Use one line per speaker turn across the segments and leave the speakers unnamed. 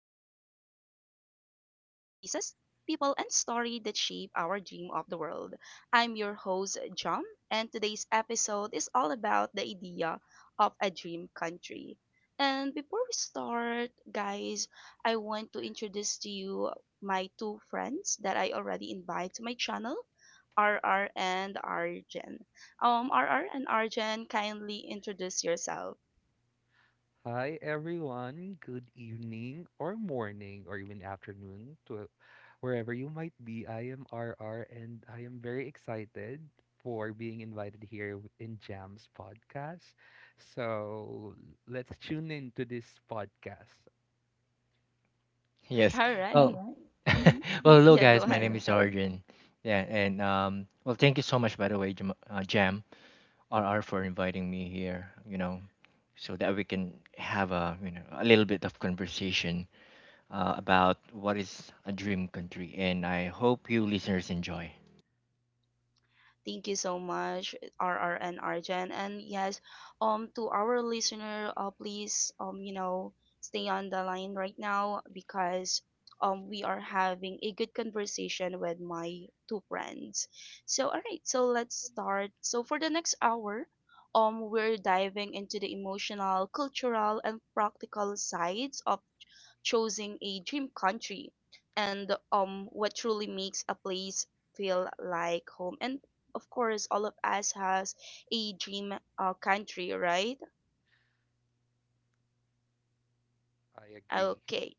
the show where we explore the places, people, and story that shape our dream of the world. I'm your host, Jam, and today's episode is all about the idea of a dream country. And before we start, guys, I want to introduce to you my two friends that I already invite to my channel, RR and Arjen. RR and Arjan, kindly introduce yourself.
Hi everyone, good evening or morning or even afternoon to wherever you might be. I am RR and I am very excited for being invited here in Jam's podcast. So let's tune in to this podcast.
Yes.
All
All
right.
Well, right.
Mm-hmm.
Well, hello
Yeah, go
guys. My name,
ahead.
yeah, is Arjun. Yeah, and Well, thank you so much, by the way, Jam, RR, for inviting me here. So that we can have a a little bit of conversation, about what is a dream country, and I hope you listeners enjoy.
Thank you so much, R R and Arjan. And yes, to our listener, please, stay on the line right now because we are having a good conversation with my two friends. So, all right, so let's start. So, for the next hour, we're diving into the emotional, cultural, and practical sides of choosing a dream country and what truly makes a place feel like home, and of course, all of us has a dream country, right?
I agree.
Okay.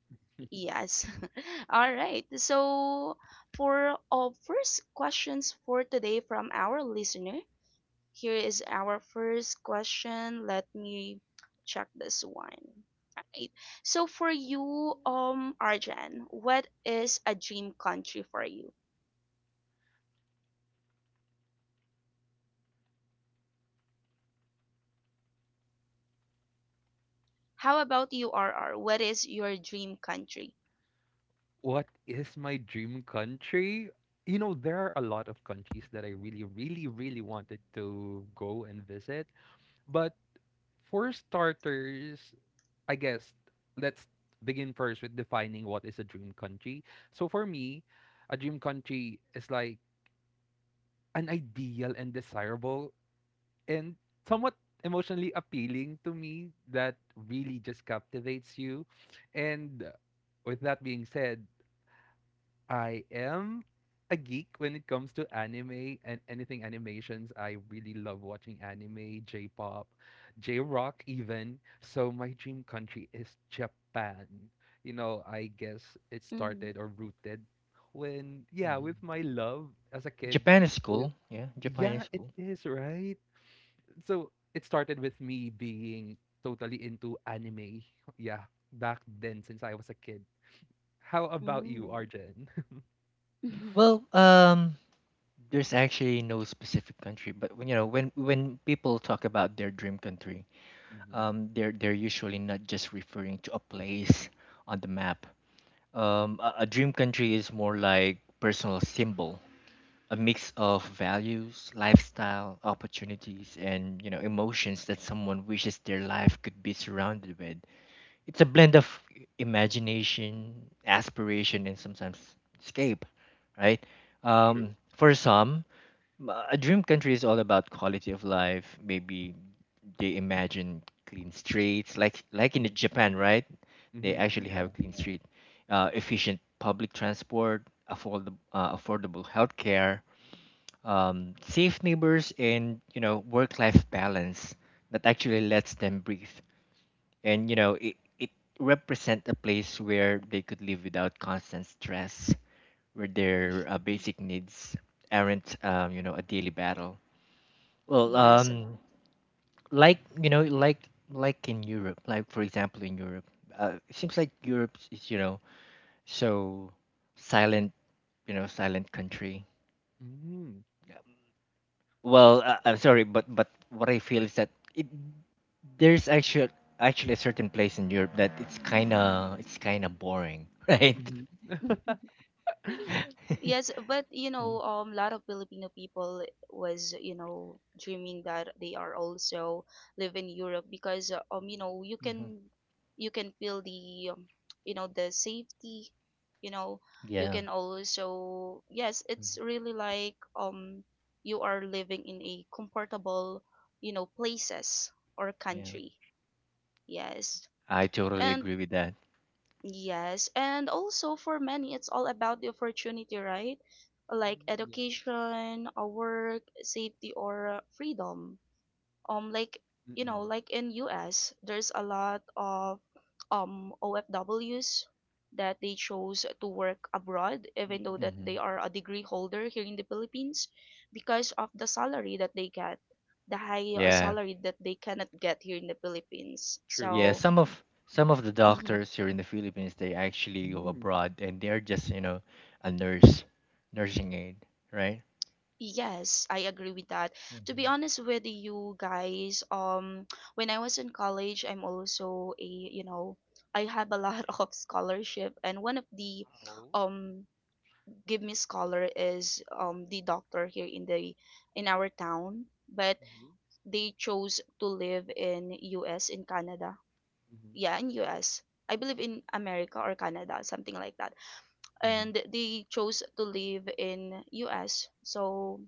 Yes. All right. So for our first questions for today from our listener, here is our first question. Let me check this one. Right. So for you, Arjan, what is a dream country for you? How about you, RR? What is your dream country?
What is my dream country? You know, there are a lot of countries that I really, really, really wanted to go and visit. But for starters, I guess let's begin first with defining what is a dream country. So for me, a dream country is like an ideal and desirable and somewhat emotionally appealing to me that really just captivates you. And with that being said, I am a geek when it comes to anime and anything animations. I really love watching anime, J-pop, J-rock even. So my dream country is Japan. You know, I guess it
Mm-hmm.
started or rooted when, yeah, with
Mhm.
my love as a kid.
Japan is
With
cool. Yeah, Japan
yeah,
is
it
cool.
is, right? So it started with me being totally into anime. Yeah, back then since I was a kid. How about you, Arjen?
mm
Well, there's actually no specific country, but when you know when people talk about their dream country,
Hmm.
they're usually not just referring to a place on the map. A dream country is more like personal symbol, a mix of values, lifestyle, opportunities, and emotions that someone wishes their life could be surrounded with. It's a blend of imagination, aspiration, and sometimes escape, right?
True.
For some, a dream country is all about quality of life. Maybe they imagine clean streets, like in the
Mhm.
Japan, right? They
Mhm.
actually have
Yeah.
clean street, efficient public transport, affordable healthcare, safe neighbors, and work-life balance that actually lets them breathe. And it represent a place where they could live without constant stress, where their basic needs aren't, a daily battle. well,
Yes.
um, like you know, like like in Europe, for example in Europe, it seems like Europe is, so silent, silent country.
Mhm.
Well, I'm sorry, but what I feel is that it there's actually a certain place in Europe that it's kind of boring, right?
Mhm.
Yes, but you know, a lot of Filipino people was, you know, dreaming that they are also live in Europe because, you
Mhm.
know,
Hmm.
you can feel the, you know, the safety, you know, you
Yeah.
can also, yes, it's
Hmm.
really like, you are living in a comfortable, you know, places or
Yeah,
country.
True.
Yes.
I totally
And
agree with that.
yes, and also for many, it's all about the opportunity, right? Like
Mm, yeah.
education, a work, safety, or freedom. Like you know,
Mm-mm.
like in US, there's a lot of OFWs that they chose to work abroad, even though
Mm-mm.
that they
Hmm.
are a degree holder here in the Philippines, because of the salary that they get, the high
Yeah.
salary that they cannot get here in the Philippines.
True.
Yeah,
So.
That's
some
true.
of some of the doctors here in the Philippines, they actually go
Mm.
abroad and they're just, you know, a nurse, nursing aid, right?
Yes, I agree with that. To be
Mm-hmm.
honest with you guys, when I was in college, I'm also a, you know, I have a lot of scholarship, and one of the,
Wow.
um, give me scholar is the doctor here in the in our town, but
Mhm.
they chose to live in U.S. in Canada.
Mhm.
Yeah, in U.S. I believe in America or Canada, something like that.
Mm-hmm.
And they chose to live in U.S. So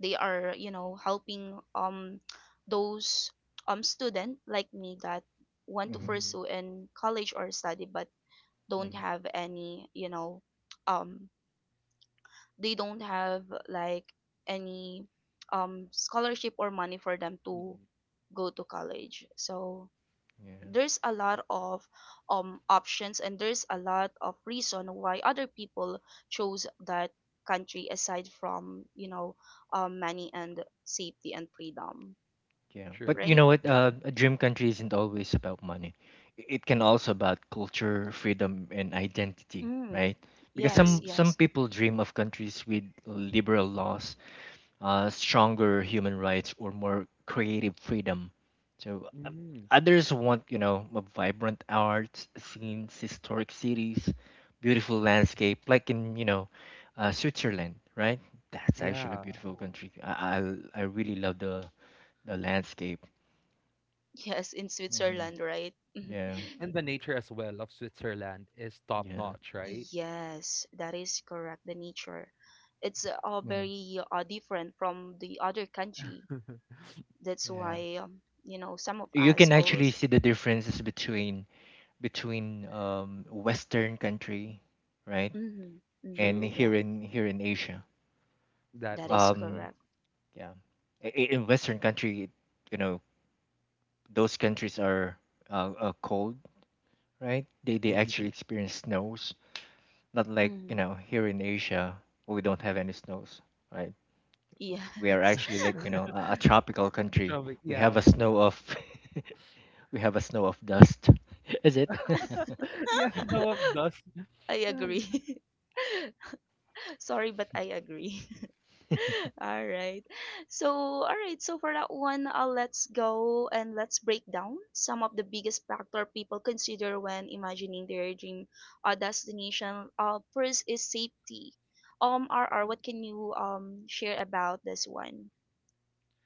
they are you know helping those student like me that want to
Mm-hmm.
Mhm.
pursue in college or study but don't
Mm-hmm.
have any you know um they don't have like any scholarship or money for them to
Mhm.
go to college, so
Yeah.
there's a lot of options and there's a lot of reason why other people chose that country aside from you know money and safety and freedom,
Yeah.
True.
But you
right.
know what?
Yeah.
A dream country isn't always about money. I- It can also about culture, freedom, and identity,
mm.
right? Because
Yes,
some
True.
yes.
some people dream of countries with liberal laws, stronger human rights or more creative freedom. So uh,
Mm.
Others want, you know, a vibrant art scenes, historic cities, beautiful landscape, like in, you know, Switzerland, right? That's actually a
Yeah.
beautiful country. I really love the landscape.
Yes, in
Hmm.
Switzerland, right.
Yeah,
And the nature as well of Switzerland is top
yeah,
notch, right?
Yes, that is correct. The nature, it's all
mhm,
very different from the other country. That's
yeah.
why you know some of
You
us
can actually
always.
see the differences between Western country, right,
Mm-hmm, mm-hmm,
and
True.
yeah,
here in Asia.
That
that
is
is
true.
um
correct.
yeah I- i- in western country, you know, those countries are cold, right? They actually
Mm-hmm.
experience snows, not like, you
Mm,
know, here in Asia. We don't have any snows, right? We are
yes.
actually like, you know, a tropical country. We have
Yeah.
a snow of we have a snow of dust. Is it?
Yes, no of dust.
I agree. Sorry, but I agree. All right. So, all right. So, for that one, let's go and let's break down some of the biggest factor people consider when imagining their dream destination. First is safety. RR, what can you share about this one?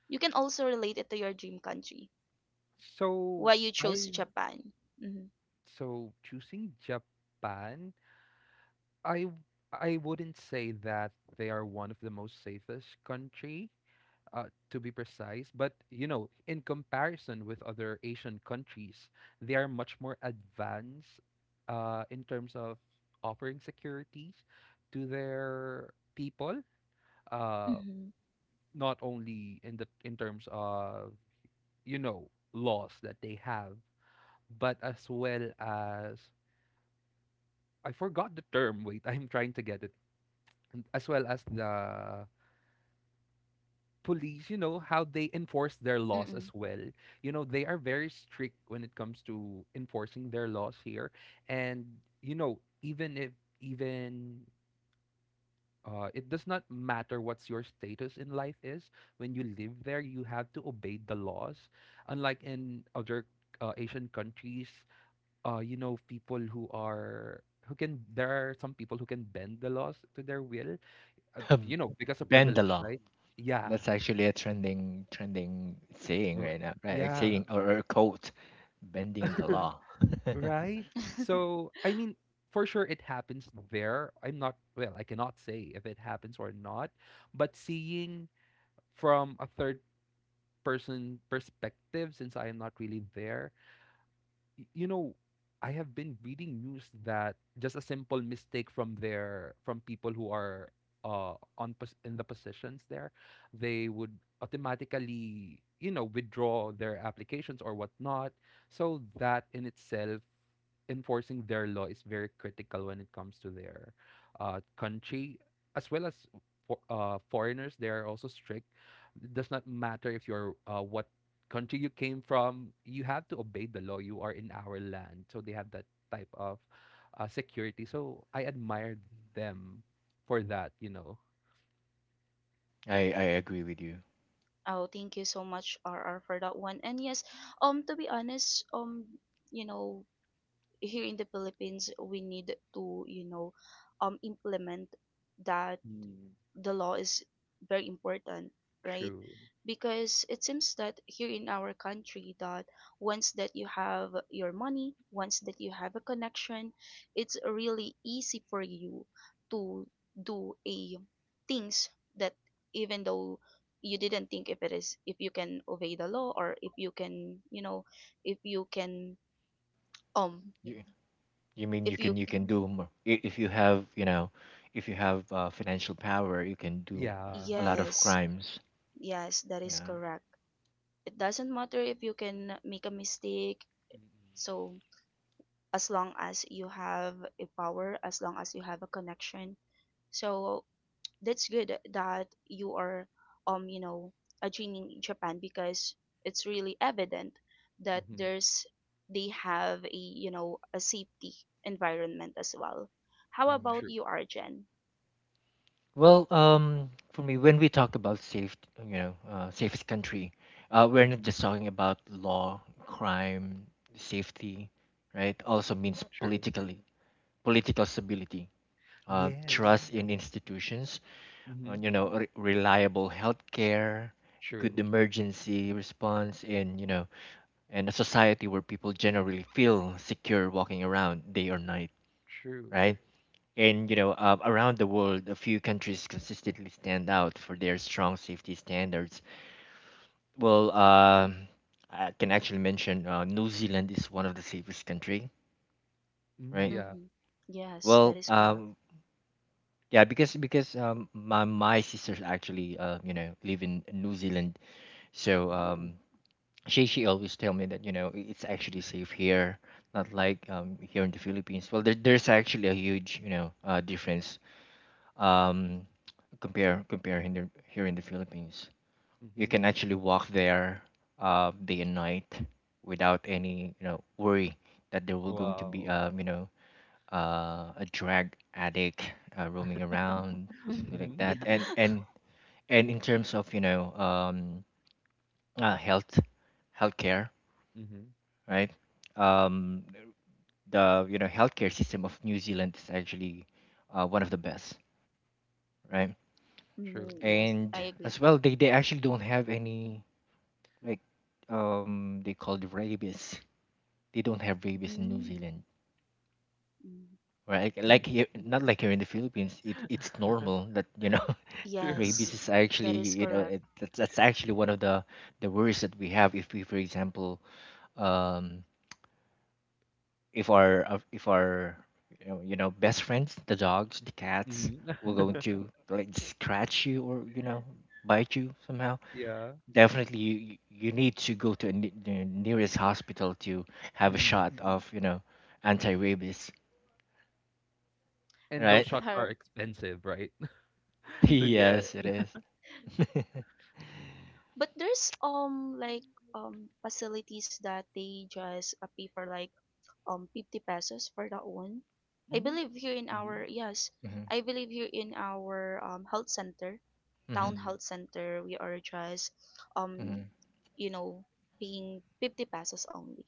You can also relate it to your dream country. Why
So
you chose
I
Japan? Mm-hmm.
so choosing Japan, I w- I wouldn't say that they are one of the most safest country, to be precise. But you know, in comparison with other Asian countries, they are much more advanced, in terms of offering securities to their people. Uh,
Mm-hmm.
not only in terms of laws that they have, but as well as, I forgot the term. Wait, I'm trying to get it. As well as the police, how they enforce their laws as
Mm-mm.
well. You know, they are very strict when it comes to enforcing their laws here. And, you know, even if, even, it does not matter what's your status in life is. When you live there, you have to obey the laws. Unlike in other Asian countries, people who are, who can, there are some people who can bend the laws to their will,
um,
because of privilege,
Bandala,
right? Yeah.
that's actually a trending saying
r-
right now, right? A
Yeah.
saying, or a quote. Bending the law.
Right? So, I mean, for sure it happens there. I'm not, well, I cannot say if it happens or not, but seeing from a third person perspective, since I am not really there, y- you know, I have been reading news that just a simple mistake from their from people who are in the positions there, they would automatically, withdraw their applications or whatnot. So that in itself, enforcing their law is very critical when it comes to their country, as well as for foreigners. They are also strict. It does not matter if you're what country you came from, you have to obey the law. You are in our land. So they have that type of security. So I admired them for that.
I agree with you.
Oh, thank you so much, RR, for that one. And yes, to be honest, you know, here in the Philippines, we need to, you know, implement that
Mm.
the law is very important, right,
True.
because it seems that here in our country that once that you have your money, once that you have a connection, it's really easy for you to do a things that even though you didn't think if it is, if you can obey the law, or if you can you know, if you can um
You you mean you
if
can
you
you
c-
can do more, if you have, you know if you have, financial power, you can do
Yeah.
a lot of
yes,
crimes.
yes, that is
Yeah.
correct. It doesn't matter if you can make a mistake. So as long as you have a power, as long as you have a connection, so that's good that you are you know a genie in Japan because it's really evident that
Mm-hmm.
there's they have a you know a safety environment as well. How
Mm.
about
True.
you, Arjen?
Well, for me, when we talk about safe safest country, we're not
Hmm.
just talking about law, crime, safety, right? Also means
True.
political stability,
Yes.
trust in institutions,
Hmm.
reliable healthcare, good
True.
emergency response, and a society where people generally feel secure walking around day or night,
True.
right? And, around the world, a few countries consistently stand out for their strong safety standards. Well, I can actually mention, New Zealand is one of the safest country,
Mm,
right?
yeah.
Mm-hmm. Yes, that
Well,
is correct.
yeah, because, my sisters actually, live in New Zealand, so
Ooh.
um, She always tell me that, it's actually safe here, not
Hmm.
like, here in the Philippines. Well, there's actually a huge, difference, um compare in here in the Philippines. You
Hmm.
can actually walk there, day and night, without any, worry that there will going to be,
Wow.
a drug addict, roaming around, something like
Hmm.
that.
Yeah.
And in terms of, uh, health healthcare,
Hmm.
right? Um, the healthcare system of New Zealand is actually, one of the best, right?
True.
Mm-hmm. Yes,
And
I agree.
as well, they actually don't have any, like, they call it rabies. They don't have rabies in New
Mm
Zealand,
mm.
right? Like
Deep.
here, not like here in the Philippines, it's normal that, you know,
True.
rabies
Yes,
is actually,
that is correct.
that's actually one of the worries that we have if we, for example, um if our, best friends, the dogs, the cats,
Hmm.
will going to like scratch you or, you know, bite you somehow.
Yeah.
Definitely you need to go to the nearest hospital to have a
Mm-hmm.
shot of, you know, anti-rabies,
And
right?
those shots are
Her.
expensive, right? To get.
Yes, it is. Mm-hmm.
But there's like facilities that they just pay for like 50 pesos for that one. I
Mm.
believe here in our
Mhm.
yes, I believe here in our health center,
Mm-hmm.
town
Mm.
health center, we are just um
Mm-hmm.
you know paying 50 pesos only,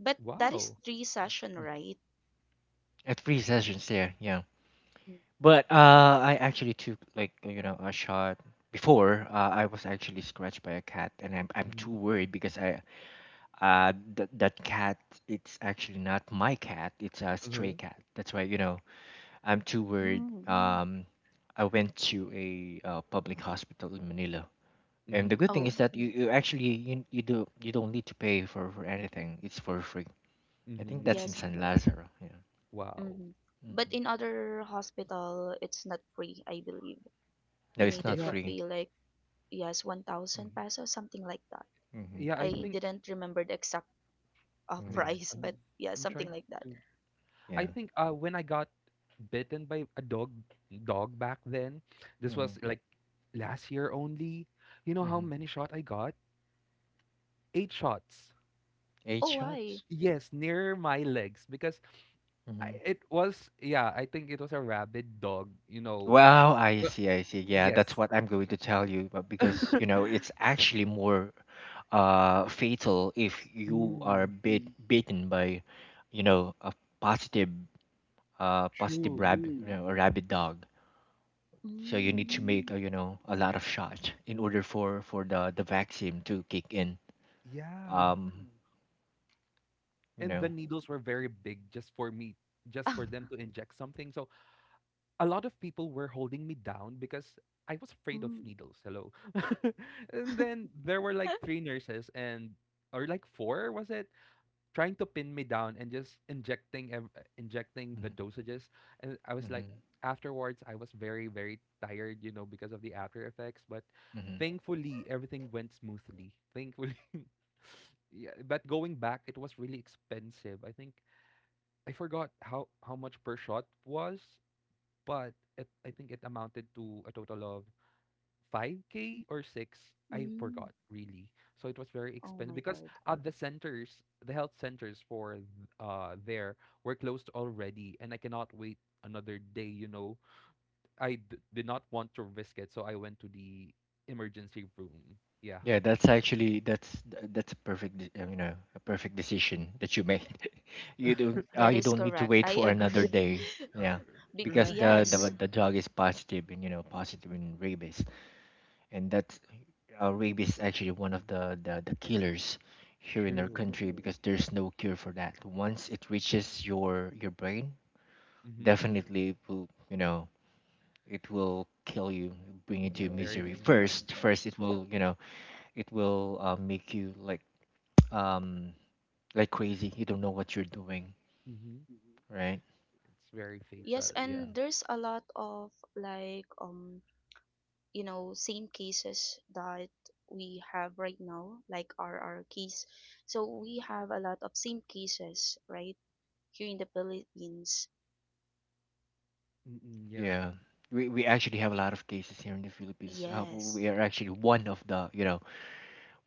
but that is
Wow.
three session, right.
At 3 sessions there, yeah. But, I actually took, like, you know, a shot before. I was actually scratched by a cat, and I'm too
Hmm.
worried because, that cat, it's actually not my cat. It's a stray
Hmm.
cat. That's why, you know, I'm too worried. Mm.
mm.
I went to a, public hospital in Manila, and the good
Hmm.
thing
Oh,
is that you actually you, you do you don't need to pay for anything. It's for free. I think
Hmm.
that's in
yes.
San Lazaro. Yeah.
Wow.
Mm-hmm. But
Mm-mm.
in other hospital it's not free, I believe.
No,
You
it's
needed
not
Yeah.
to
free.
pay like yes 1,000
Mm-hmm.
pesos, something like that.
Mm-hmm.
Yeah. I
I
think.
didn't remember the exact
Mm-hmm.
Wait.
price,
I'm.
but yeah,
I'm trying
something like that.
to. I think, uh, when I got bitten by a dog, dog back then. This
Mm-hmm.
was like last year only. You know how
Mm-hmm.
many shot I got? Eight shots.
Eight
Oh, why?
shots.
Yes, near my legs because, I,
Mm-hmm.
it was, yeah. I think it was a rabid dog, you know.
Wow, I
Uh,
see, I see. Yeah, that's
Yes,
what I'm going to tell you, but because, you know, it's actually more, fatal if you are,
mm,
bit Mm. bitten by, you know, a positive, positive
true.
rabbit, you know, a rabid dog. So you need
Mm.
to make, you know, a lot of shots in order for the vaccine to kick in. Mm.
Yeah.
You
And the
know.
needles were very big just for me, just for them to inject something. So a lot of people were holding me down because I was afraid of
mm.
needles. Hello. And then there were like three nurses, and or like four, was it? Trying to pin me down and just injecting injecting the
Mm-hmm.
dosages. And I was like,
Mm-hmm.
afterwards I was very, very tired, you know, because of the after effects. But
Mm-hmm.
thankfully everything went smoothly, thankfully. Yeah, but going back, it was really expensive, I think. I forgot how much per shot was, I think it amounted to a total of 5K or 6, I
Mm.
forgot really. So it was very
Oh
expensive
my
because
God.
the health centers there were closed already, and I cannot wait another day. I did not want to risk it, so I went to the emergency room, yeah.
Yeah, that's actually, that's a perfect, you know, a perfect decision that you made. You don't,
That
you
is
don't need to
correct.
wait
I
for another
agree.
day. Yeah,
Bec
because
Right.
the
yes.
the the dog is positive in, you know, positive in rabies, and that's rabies is actually one of the killers here in our
True.
country because there's no cure for that. Once it reaches your brain,
Mm-hmm.
definitely it will, it will kill you, bring you
Yeah,
to
very
misery.
fatal.
First, it will, make you like, um crazy. You don't know what you're doing,
Mm-hmm.
right?
It's very
Yes,
fatal, yeah.
and
Mm.
there's a lot of like you know same cases that we have right now, like our case. So
Mhm.
we have a lot of same cases, right? Here in the Philippines.
Mm-mm, yeah.
Yeah, we actually have a lot of cases here in the Philippines. We
Yes.
are actually one of the,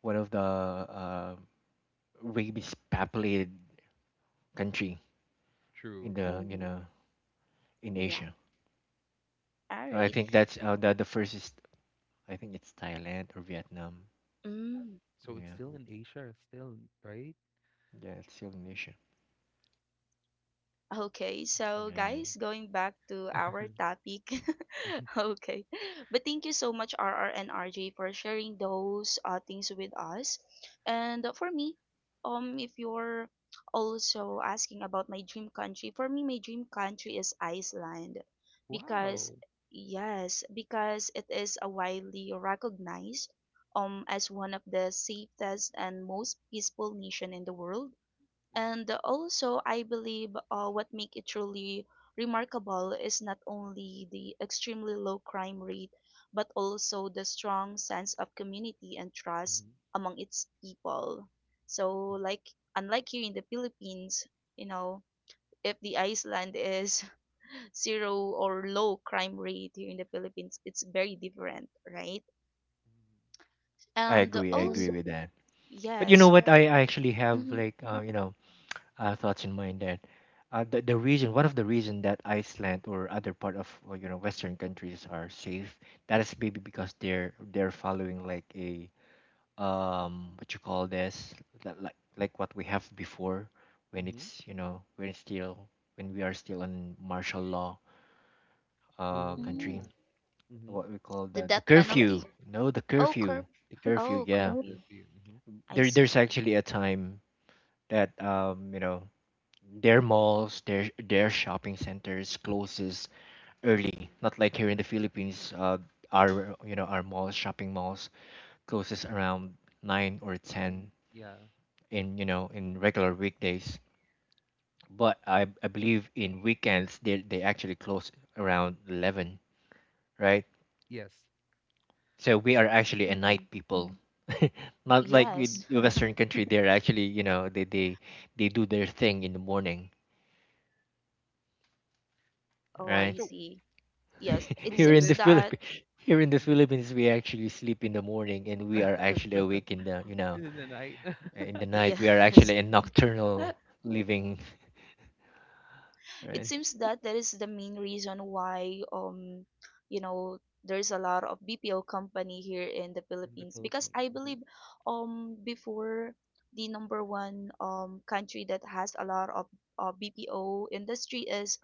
one of the uh, rabies populated country in
True.
the,
hmm
in
Yeah.
Asia.
All
And I
right.
think that's, the first is, I think it's Thailand or Vietnam.
Mm.
So it's
Yeah.
still in Asia still, right?
Yeah, it's still in Asia.
Okay, so
Yeah.
guys, going back to our topic. Okay. But thank you so much, RR and RJ, for sharing those things with us. And for me, if you're also asking about my dream country, for me, my dream country is Iceland. Because,
Wow.
yes, because it is a widely recognized as one of the safest and most peaceful nation in the world,
Mhm.
and also I believe what make it truly remarkable is not only the extremely low crime rate, but also the strong sense of community and trust
Mhm.
among its people. So like unlike here in the Philippines, you know, if the Iceland is zero or low crime rate, here in the Philippines it's very different, right.
Mhm.
i
And
agree i agree
also
with that. But you know
yes
what? I actually have,
hmm
like, thoughts in mind that, the reason, one of the reason that Iceland or other part of, Western countries, are safe, that is maybe because they're following like a, what you call this, like what we have before, when
Mhm.
it's you know when it's still when we are still in martial law,
mm,
country.
Oh. Mhm.
What we call
the
the
death
curfew.
penalty.
No, the
Oh
I
curb.
curfew. The curfew,
Oh,
yeah. Oh.
curfew.
curfew. Mhm.
I
there
see.
there's actually a time that, their malls, their shopping centers closes early. Not like here in the Philippines, our you know our malls, shopping malls closes around 9 or 10
Nine, yeah.
in, in regular weekdays. But I believe in weekends they actually close around 11, right?
Yes.
So we are actually a night
Hmm
people. Not like
Yes.
with the Western country, they're actually, they do their thing in the morning,
Oh,
right?
I
So
see. Yes. It
here
so
in
seems
the
this.
that
Philippines, Here in the
Mhm.
Philippines, we actually sleep in the morning and we are actually awake in the,
In the night.
in the night. We are
yes.
actually in nocturnal living,
It
right?
seems that that is the main reason why you know there's a lot of BPO company here in the
In the
Philippines, because
Philippines.
I
Mhm.
believe before the number one country that has a lot of BPO industry is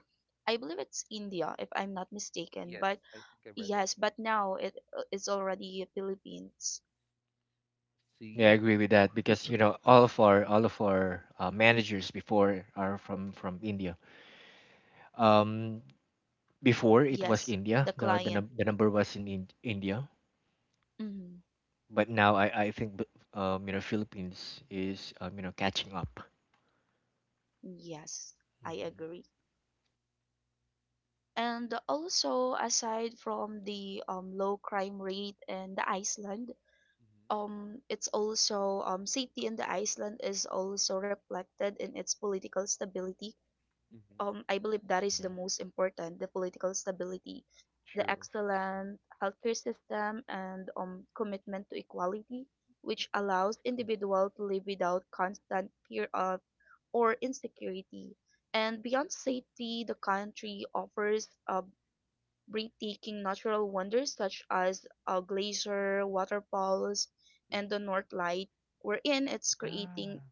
I believe it's India if I'm not mistaken,
Yes,
but
I think I read it.
yes, but now it it's already Philippines.
Yeah, I
See?
agree with that because, you know, all of our, managers before are from India. Um, Before, it was
Yes,
India,
the client.
the number was in, India,
Mhm.
but now, I think the, Philippines is, you know, catching up.
Yes, I
Hmm.
agree. And also, aside from the low crime rate in the Iceland,
Mhm.
it's also safety in the Iceland is also reflected in its political stability.
Mhm.
I believe that is the most important, the political stability, the
True.
excellent healthcare system, and commitment to equality, which allows individuals to live without constant fear of or insecurity. And beyond safety, the country offers breathtaking natural wonders such as a glacier, waterfalls, and
Mhm.
the North Light, wherein it's creating
Yeah.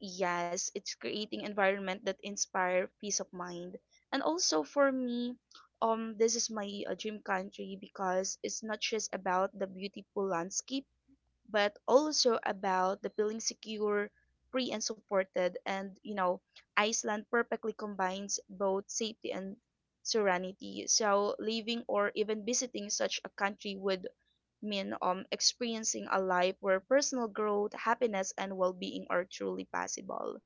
yes, it's creating environment that inspire peace of mind. And also for me, this is my dream country because it's not just about the beautiful landscape, but also about the feeling secure, free and supported. And you know, Iceland perfectly combines both safety and serenity. So living or even visiting such a country would mean experiencing a life where personal growth, happiness, and well-being are truly possible.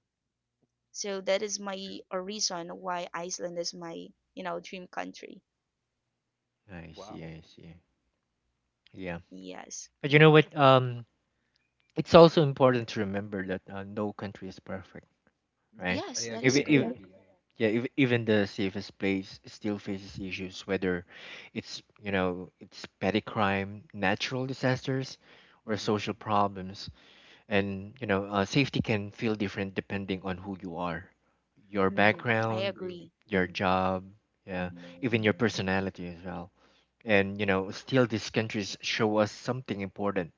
So that is my
True.
a reason why Iceland is my, you know, dream country.
I see,
Wow.
I see. Yeah.
Yes.
But you know what? It's also important to remember that, no country is perfect,
Mm,
right?
I
Yes, that is
Even
agree. I
if. Right.
correct.
agree.
yeah, if, even the safest place still faces issues, whether it's you know it's petty crime, natural disasters, or
Hmm.
social problems. And safety can feel different depending on who you are, your
Mm-hmm.
Yes.
I
background,
True.
agree.
your job, yeah, even your personality as well. And still, these countries show us something important.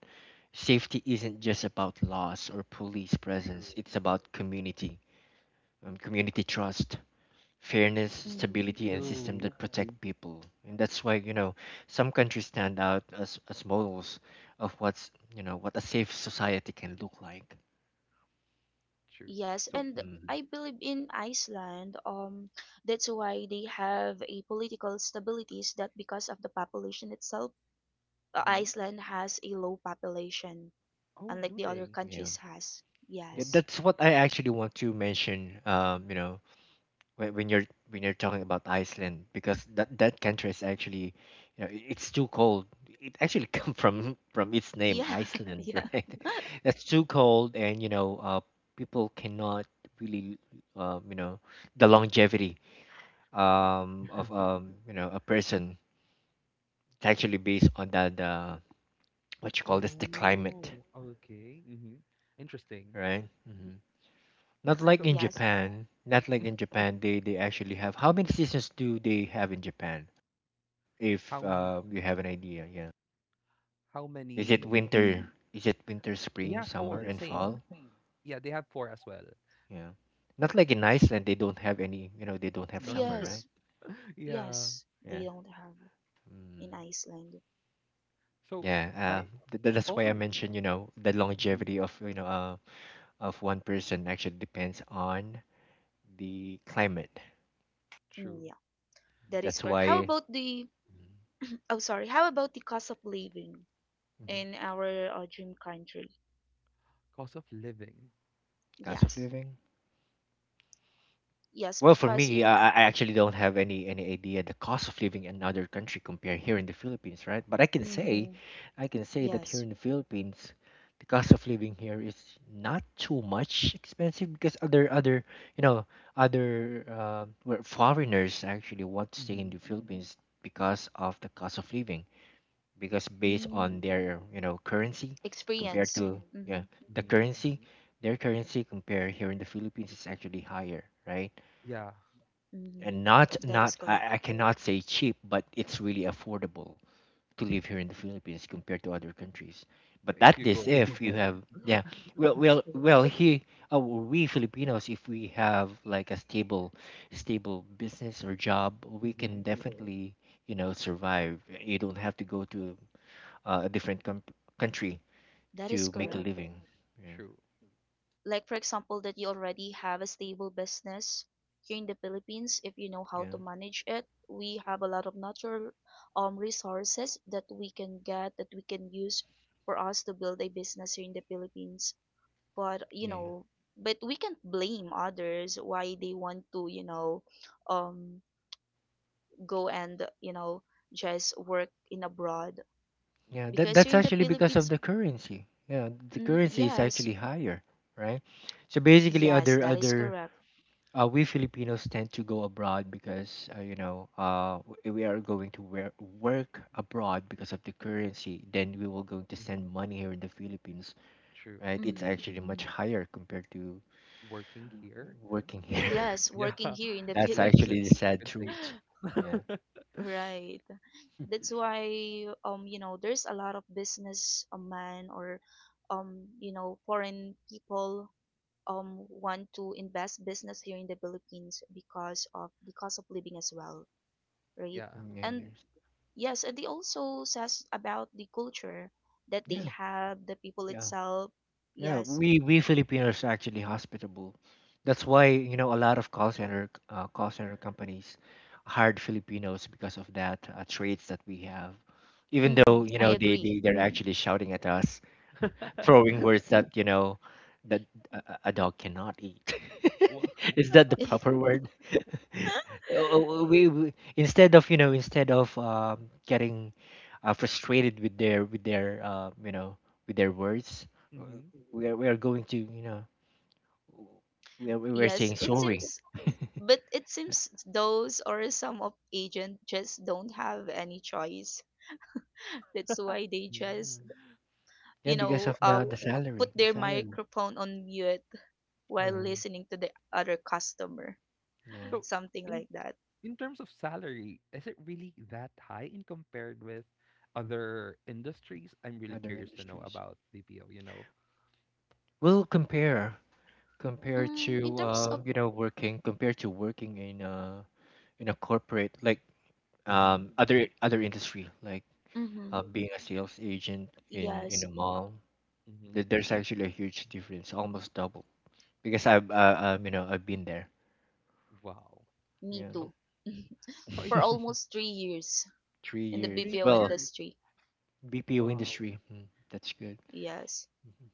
Safety isn't just about laws or police presence,
True.
it's about community, community trust, fairness,
Mm-hmm.
stability, and system
True.
that protect people. And that's why, some countries stand out as, models of what a safe society can look like.
True.
Yes,
So,
and
Hmm.
I believe in Iceland. That's why they have a political stability is that because of the population itself. Uh,
mhm.
Iceland has a low population,
Oh,
unlike
do
the other
they?
Yeah.
countries has.
Yeah,
Wow.
Yes.
that's what I actually want to mention, when, when you're when you're talking about Iceland, because that country is actually, it's too cold. It actually come from its name,
Yeah.
Iceland.
Yeah.
Right? That's too cold. And people cannot really, um you know the longevity,
I.
um of um you know a person, it's actually based on that, what you call this, the climate,
Oh, okay. Hmm. Interesting.
right? Hmm.
Mhm.
Not like
So
in
Yes.
Japan, they actually have — how many seasons do they have in Japan, if
how m-
you have an idea? Yeah.
how
Is it
many?
winter? Mm. Is it winter, spring,
Yeah,
summer,
four.
and
Same.
fall?
Yeah, they have four as well.
Yeah. Not like in Iceland, they don't have any. You know, they don't have
No.
summer,
Yes.
right?
Yeah.
Yes. They
Yeah.
don't have in
Mm.
Iceland.
So
Yeah.
I
That's why I
also,
mentioned. You know, the
mhm,
longevity of, of one person actually depends on the climate.
true.
Mm, yeah. That is
That's
correct. How
why.
about the
Mhm.
oh sorry, how about the cost of living
Mhm.
in our dream country?
Cost of living.
Cost of
Yes.
living.
Yes,
Well, for
because you
me,
know.
I actually don't have any idea the cost of living in another country compared here in the Philippines, right? But I can say,
Mm-hmm.
that here
Yes.
in the Philippines, the cost of living here is not too much expensive, because other other you know other where foreigners actually want to stay in
Hmm.
the Philippines because of the cost of living. Because based on
Mm.
their, currency compared
Experience.
to, yeah,
Mm-hmm.
the
Hmm.
currency their currency compared here in the Philippines is actually higher, right?
Yeah.
Mm-hmm.
And not
That
not
is
I,
correct.
I cannot say cheap, but it's really affordable to live here in the Philippines compared to other countries. But
If
that
you
is
go.
if you have, yeah, well well well he we Filipinos, if we have like a stable business or job, we
Hmm.
can definitely, survive. You don't have to go to, a different country
That is
to make a
correct.
living, yeah,
True.
Like for example that you already have a stable business here in the Philippines if you know how
yeah,
to manage it. We have a lot of natural resources that we can get that we can use for us to build a business here in the Philippines, but
yeah.
we can't blame others why they want to, um go and, just work in abroad,
Yeah, that
Hmm.
because here
that's
in the
actually because of
Philippines.
the currency. Yeah, the currency is
Yes.
actually higher, right? So basically,
Yes,
other
that is
other
correct.
we Filipinos tend to go abroad because, w- we are going to wear, work abroad because of the currency. Then we will going to
Hmm.
send money here in the Philippines,
True.
right? It's
mm,
actually much, higher compared to
Working here.
working here.
yes,
Yeah,
working here in the
That's actually the
Philippines.
definitely, I
sad
could say.
truth. Yeah.
Right, that's why, there's a lot of business a man or, foreign people want to invest business here in the Philippines because of the cost of living as well, right?
Yeah.
Mm, and
And
there's-
yes, and they also says about the culture that they
Yeah.
have, the people
Yeah.
itself.
Yeah,
Hmm.
Yes,
we Filipinos are actually hospitable. That's why, you know, a lot of call center, companies hired Filipinos because of that, traits that we have. Even though,
I
they, they
agree.
they're actually shouting at us, throwing words that you know that a dog cannot eat.
Wow.
Is that the proper word? We Instead of getting frustrated with their you know with their words, uh,
Hmm.
we are going to you know we are
Yes,
saying
it
sorry.
seems, but it seems those or some of agent just don't have any choice. That's why they just,
Mm. Yeah,
you
because
know,
of the salary,
put
the
their
salary.
microphone on mute while
Hmm.
listening to the other customer.
Yeah,
So
Something
in
like that.
in terms of salary, is it really that high in compared with other industries? I'm really
other
curious to know
industries.
about BPO, you know.
We'll compared
In
to
terms of,
working in a corporate, like,
Mm-hmm.
other industry, like,
mm-hmm,
being a sales agent in
yes,
a mall.
Mm-hmm.
There's actually a huge difference, almost double, because I've, I've been there,
Wow.
me
yeah,
So
too.
so I
For
think
almost 3 years
three
in the
years
three
BPO
Well,
years.
industry.
BPO
Wow.
industry. Mm, that's good.
Yes.
Mhm.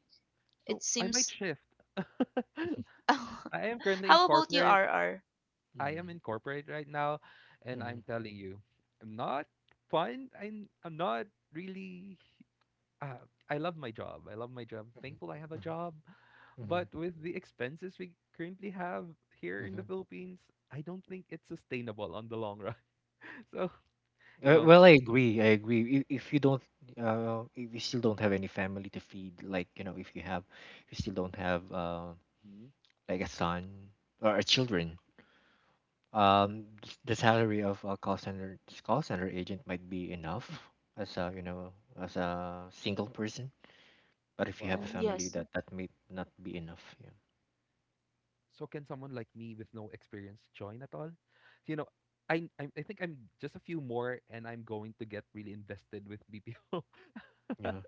It
So I might
seems.
shift. I am currently in
How about you,
corporate.
RR?
I am
Mhm.
in corporate right now, and I'm
Mhm.
telling you, I'm not fun. I'm not really, uh, I love my job. I love my job. Thankful I have a
Mhm.
job.
Mhm.
But with the expenses we currently have here in the
Mhm.
Philippines, I don't think it's sustainable on the long run. So, you know.
Well, I agree. I agree. If you don't, if you still don't have any family to feed, like, if you have, if you still don't have,
Mhm.
like a son or a children, the salary of a call center agent might be enough as, a single person. But if you have
Mm,
a
Wow.
family,
yes.
that may not be enough. Yeah.
So can someone like me with no experience join at all? You know, I think I'm just a few more and I'm going to get really invested with BPO.
Yeah.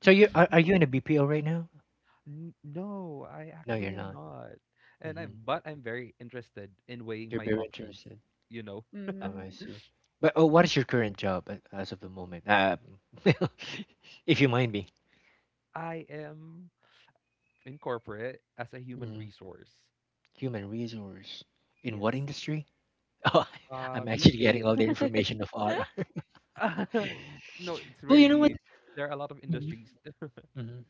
So are you in a BPO right now?
No, I
No, you're
actually am
not.
not. And I
Mm-hmm.
but I'm very interested in weighing
You're
my
very
options.
interested.
You know,
Oh, I
Mm.
see. But, oh, what is your current job, as of the moment? If you mind me.
I am in corporate as a human
Mhm.
resource.
Human resource. In what
Yes.
industry? Oh, I'm actually getting
Retail.
all the information of RR.
No, it's
Well, you know what?
really, there are a lot of
Mhm,
industries.
mhm.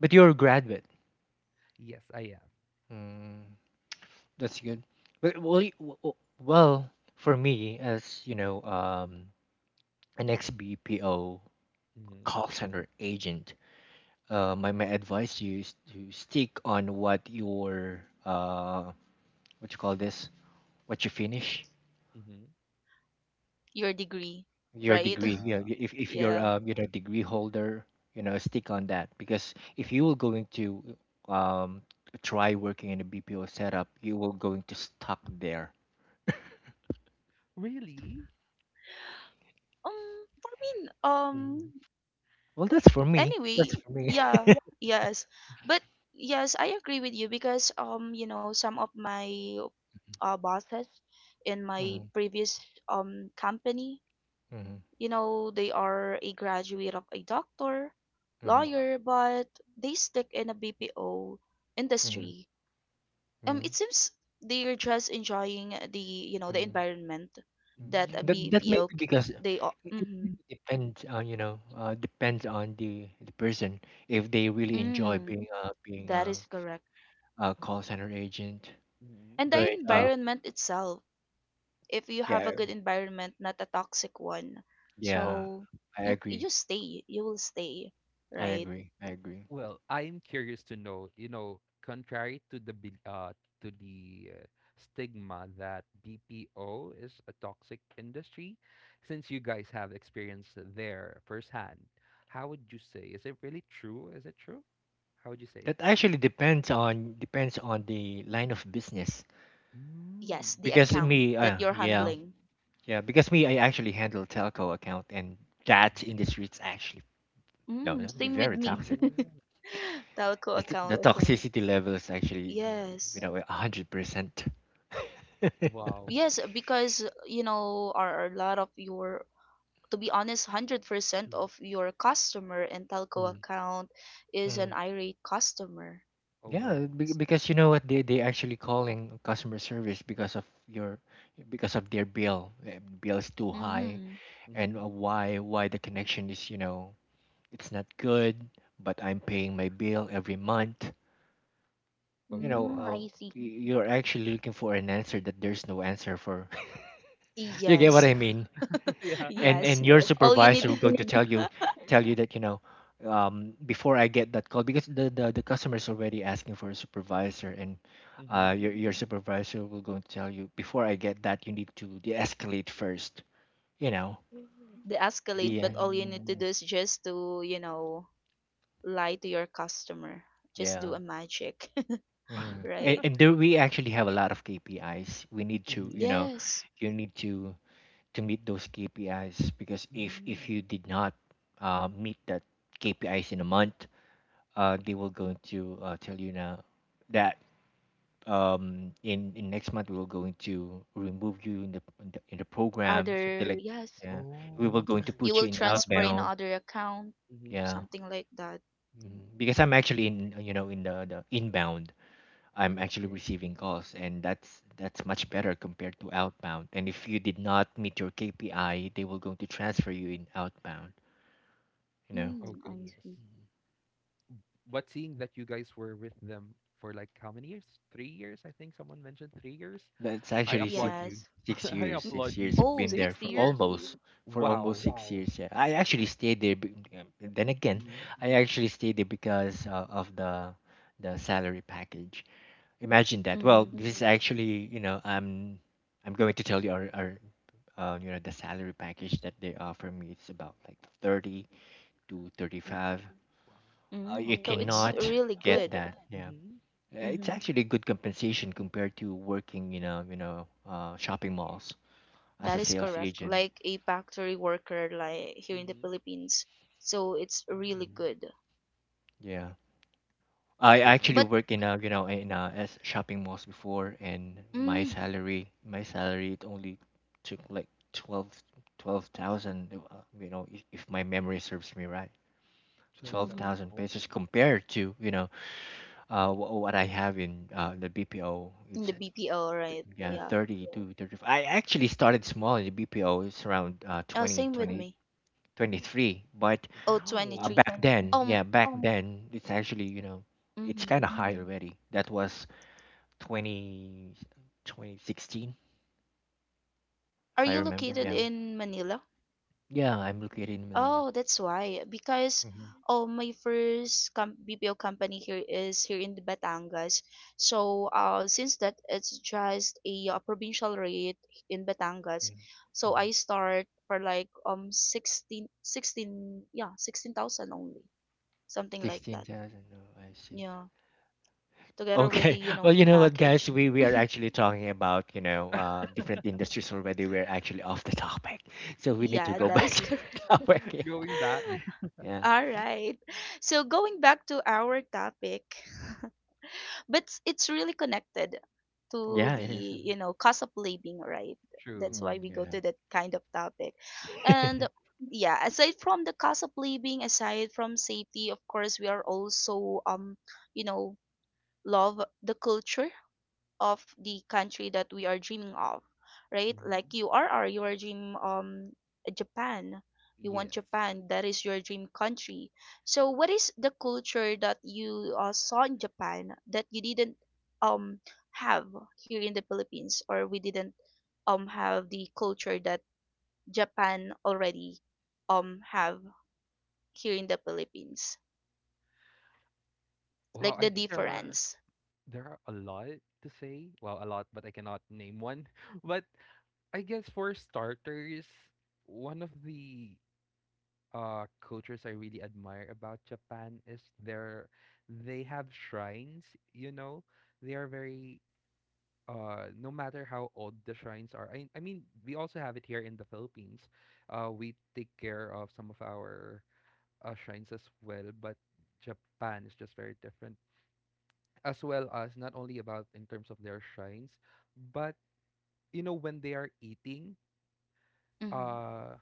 But you're a graduate.
Yes, I am.
Mm, that's good. But, well, for me, as you know, an ex-BPO
Mm-hmm.
call center agent, my advice to you is to stick on what your, what you call this what you finish,
Mm-hmm.
Your degree,
your
right?
Yeah.
degree. If you're,
Yeah.
degree holder, stick on that, because if you will going to, um, try working in a BPO setup, you will going to stuck there.
Really?
For me,
Mhm. Well,
anyway,
that's for me.
yeah, yes, but yes, I agree with you, because some of my bosses in my
Mhm,
previous company,
mhm,
Hmm.
you know, they are a graduate of a doctor,
mhm,
Wow.
lawyer, but they stick in a BPO
mhm,
industry.
mhm,
It seems they're just enjoying the, you know, the
mhm,
environment
mhm.
that a
That
Mm.
may be because it
they,
it
mm-hmm,
really depends on, depends on the person, if they really enjoy
mm,
being
that is correct,
a call center agent.
Mm-hmm.
and the
But,
environment itself. If you have a
yeah,
good environment, not a toxic one.
yeah,
So
I
you
agree.
you stay, you will stay,
I
right?
agree. I agree.
Well, I'm curious to know, you know, contrary to the to the stigma that BPO is a toxic industry. Since you guys have experience there firsthand, how would you say? Is it really true? Is it true? How would you say?
That actually depends on the line of business.
Yes,
Mm.
the
Because
account
me,
that you're
yeah,
handling.
yeah. Because me, I actually handle telco account, and that industry, it's actually no,
Mm,
no,
same with
very
me.
toxic.
Ooh.
Telco
The t- the
account.
Okay. toxicity level is actually,
Yes.
100%.
Wow.
Yes, because you know, are a lot of your, to be honest, 100% of your customer in telco account is an irate customer.
Oh
Yeah,
no.
because you know what, they actually calling customer service because of your, because of their bill. Bill is too high,
Mm-hmm.
and,
Mm-hmm.
why the connection is, it's not good, but I'm paying my bill every month.
Oh
You know,
Mm,
goodness.
uh,
I see.
you're actually looking for an answer that there's no answer for. You get what
Yes.
I mean?
Yeah.
and
Yes.
and your, yes,
All you
supervisor will
need
go to tell you that, before I get that call, because the customer is already asking for a supervisor, and,
Mm-hmm.
your supervisor will go to tell you, before I get that, you need to de-escalate first you know
they escalate,
the
but all you need to do is just to, you know, lie to your customer, just
Yeah.
do a magic.
hmm and,
Right.
and there we actually have a lot of KPIs we need to you
Mm-hmm.
know
Yes.
You need to meet those KPIs because if
Mm-hmm.
you did not, meet that KPIs in a month. They will going to, tell you now that, in next month we will going to remove you in the program, something
Other,
like,
yes,
yeah, we
Oh.
will going to
you
put
will
you in
transfer in
outbound.
other account,
Mm-hmm.
Yeah.
something like that.
Mhm. Because I'm actually in you know in the inbound. I'm actually
Okay.
receiving calls, and that's much better compared to outbound, and if you did not meet your KPI, they will going to transfer you in outbound you know
Oh
Mm, I
goodness.
see.
But seeing that you guys were with them for like how many years? 3 years, I think someone mentioned 3 years.
That's
I
actually
applaud
six,
you.
Yes.
six
I
years.
M-
applaud
Six
you.
years. I've
oh
been there
Six
six years
years?
for almost
Wow.
six, wow, years. Yeah, I actually stayed there. Then again,
Mm-hmm.
I actually stayed there because, of the salary package. Imagine that. Well,
Mm-hmm.
this is actually, I'm going to tell you our you know the salary package that they offer me. It's about like thirty to thirty
30.
five.
Wow.
Mm-hmm.
You
Oh, so
Okay.
it's
cannot
really
get
good.
that. Yeah.
Mm-hmm.
It's
Mm-hmm.
actually good compensation compared to working, shopping malls as
That
a
is
sales
correct,
agent.
like a factory worker, like here in the
Mm-hmm.
Philippines. So it's really good.
Yeah.
Oh
I
goodness.
actually
But,
worked in a, you know, in a, as shopping malls before, and my
mm,
salary, my salary it only took like 12 twelve thousand, if my memory serves me right.
Twelve
mm-hmm.
thousand.
12,000
Oh
pesos
goodness.
compared to, what I have in, the BPO,
In the
it's,
BPO, right?
yeah,
Yeah.
30 to 35. I actually started small in the BPO, it's around, twenty
Same with
twenty
me.
twenty three, but,
Oh, 23.
Wow.
23.
Back then, yeah, then, it's actually, you know, it's
Mhm.
kind of high, already. That was twenty twenty sixteen, if
Are
I
you
remember.
located
Yeah. Oh,
in Manila?
yeah, I'm located in Manila.
Oh, that's why. Because,
Mm-hmm.
oh, my BPO company here is here in the Batangas. So, since that it's just a, uh, provincial rate in Batangas, so
Mm-hmm.
I start for like 16, 16, yeah, 16,000 only. Something like that.
16,000. Oh, I see.
Yeah. Together with the,
Okay.
you
Well,
know,
you know what,
package.
guys? We are actually talking about, different industries already. We're actually off the topic. So we need to
Yeah,
go
that
back
is
to the
correct.
topic.
Going back.
Yeah.
All right. So going back to our topic, but it's really connected to
Yeah, yeah,
the,
it is. Mm-hmm.
you know, cost of living, right?
True.
That's why
Mm,
we go
yeah.
to that kind of topic. And yeah, aside from the cost of living, aside from safety, of course, we are also, you know, love the culture of the country that we are dreaming of, right? Like
Mhm.
you are you are dream, um, Japan. You want
Yes.
Japan. That is your dream country. So what is the culture that you, saw in Japan that you didn't um have here in the Philippines, or we didn't have the culture that Japan already have here in the Philippines?
Wow,
Like
I
the
think there are,
difference.
there are a lot to say. Well, a lot, but I cannot name one. But I guess for starters, one of the cultures I really admire about Japan is their, they have shrines, you know. They are very, no matter how old the shrines are. I mean, we also have it here in the Philippines. Uh, we take care of some of our shrines as well, but Japan is just very different, as well as not only about in terms of their shrines, but you know, when they are eating,
Mm-hmm.
uh,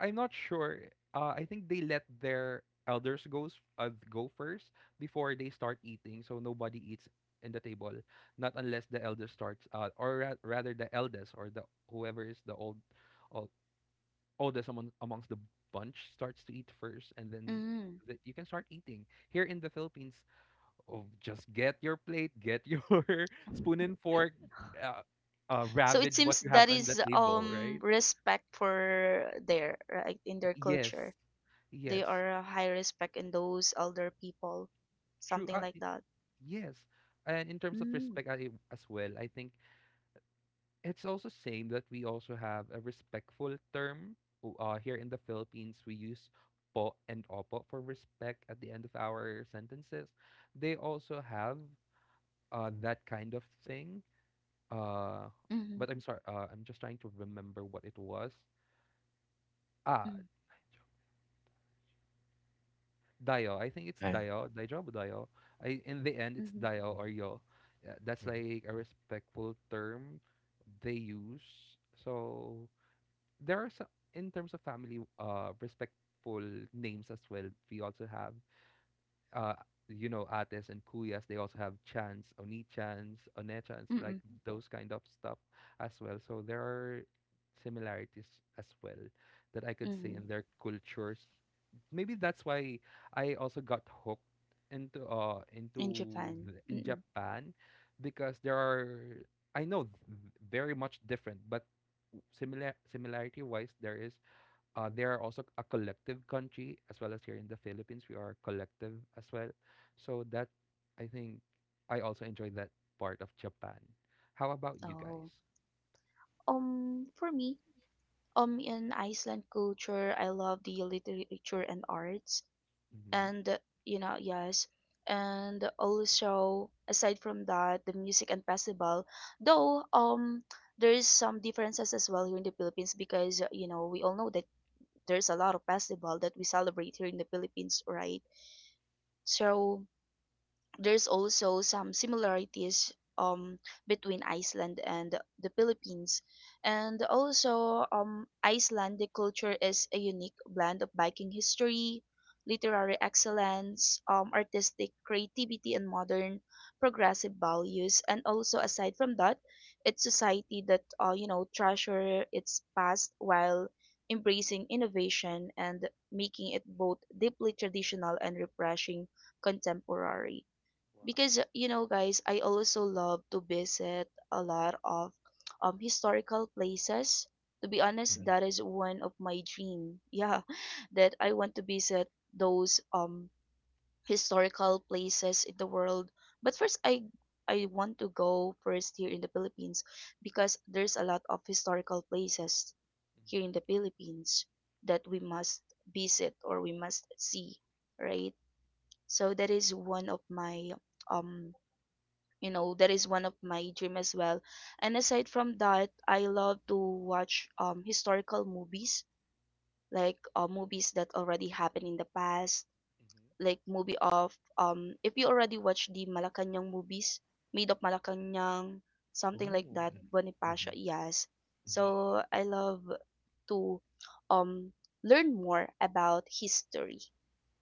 I'm not sure. I think they let their elders goes go first before they start eating, so nobody eats in the table, not unless the elder starts, or rather the eldest or the whoever is the old oldest amongst the bunch starts to eat first, and then.
Mm-hmm.
That you can start eating here in the Philippines. Oh, just get your plate, get your spoon and fork, uh,
So it
ravage what
seems
you
that
have on the
is,
table,
um,
right?
respect for their right in their culture.
Yes,
They
yes,
are a high respect in those elder people,
true.
something like that.
Yes, and in terms of
Mm.
respect, I, as well, I think it's also same that we also have a respectful term. Here in the Philippines, we use po and opo for respect at the end of our sentences. They also have, that kind of thing. Uh,
Mm-hmm.
but I'm sorry. I'm just trying to remember what it was. Ah,
Mm-hmm.
Dayo. I think it's
Uh,
Dayo. Daijob Dayo. I in the end it's
Mm-hmm.
Dayo
mhm,
or Yo. Yeah, that's
mhm,
like a respectful term they use. So there are some in terms of family respectful names as well. We also have uh, you know, Ates and Kuyas. They also have chants, Oni-chants, One-chants, like
Mm-hmm.
those kind of stuff as well. So there are similarities as well that I could say
Mm-hmm.
in their cultures. Maybe that's why I also got hooked
In
into
Japan.
the, in
Mm-mm.
Japan because there are, I know very much different, but similarity wise, there is, they are also a collective country, as well as here in the Philippines we are collective as well. So that, I think I also enjoy that part of Japan. How about you
Oh.
guys?
Um, for me. Um, in Iceland culture, I love the literature and arts,
Mm-hmm.
and, you know yes and also aside from that, the music and festival, though, there is some differences as well here in the Philippines, because, you know, we all know that there's a lot of festival that we celebrate here in the Philippines, right? So there's also some similarities, um, between Iceland and the Philippines. And also, Icelandic culture is a unique blend of Viking history, literary excellence, artistic creativity, and modern progressive values. And also, aside from that, it's society that, treasure its past while embracing innovation and making it both deeply traditional and refreshing contemporary, because, guys, I also love to visit a lot of historical places. To be honest,
mhm.
that is one of my dream, yeah,
Yeah.
that
Yeah.
I want to visit those
Yeah, historical places.
historical places in the world. But first I want to go first here
Well,
in the Philippines,
historical place
because
actually
there's a
one of
lot
my
of
thing as
historical
well,
places
right?
here
Mm-hmm.
Because,
in the
you know.
Philippines that we must visit or we must see, right? So that is one of my, um that is one of my dream as well. And aside from that, I love to watch historical movies, like, movies that already happened in the past,
Mm-hmm.
like movie of, um, if you already watched the Malacanang movies, Made of Malacanang, something like
Oh.
that,
Mhm.
Bonifacio, yes.
Mm-hmm.
So I love to um learn more about history.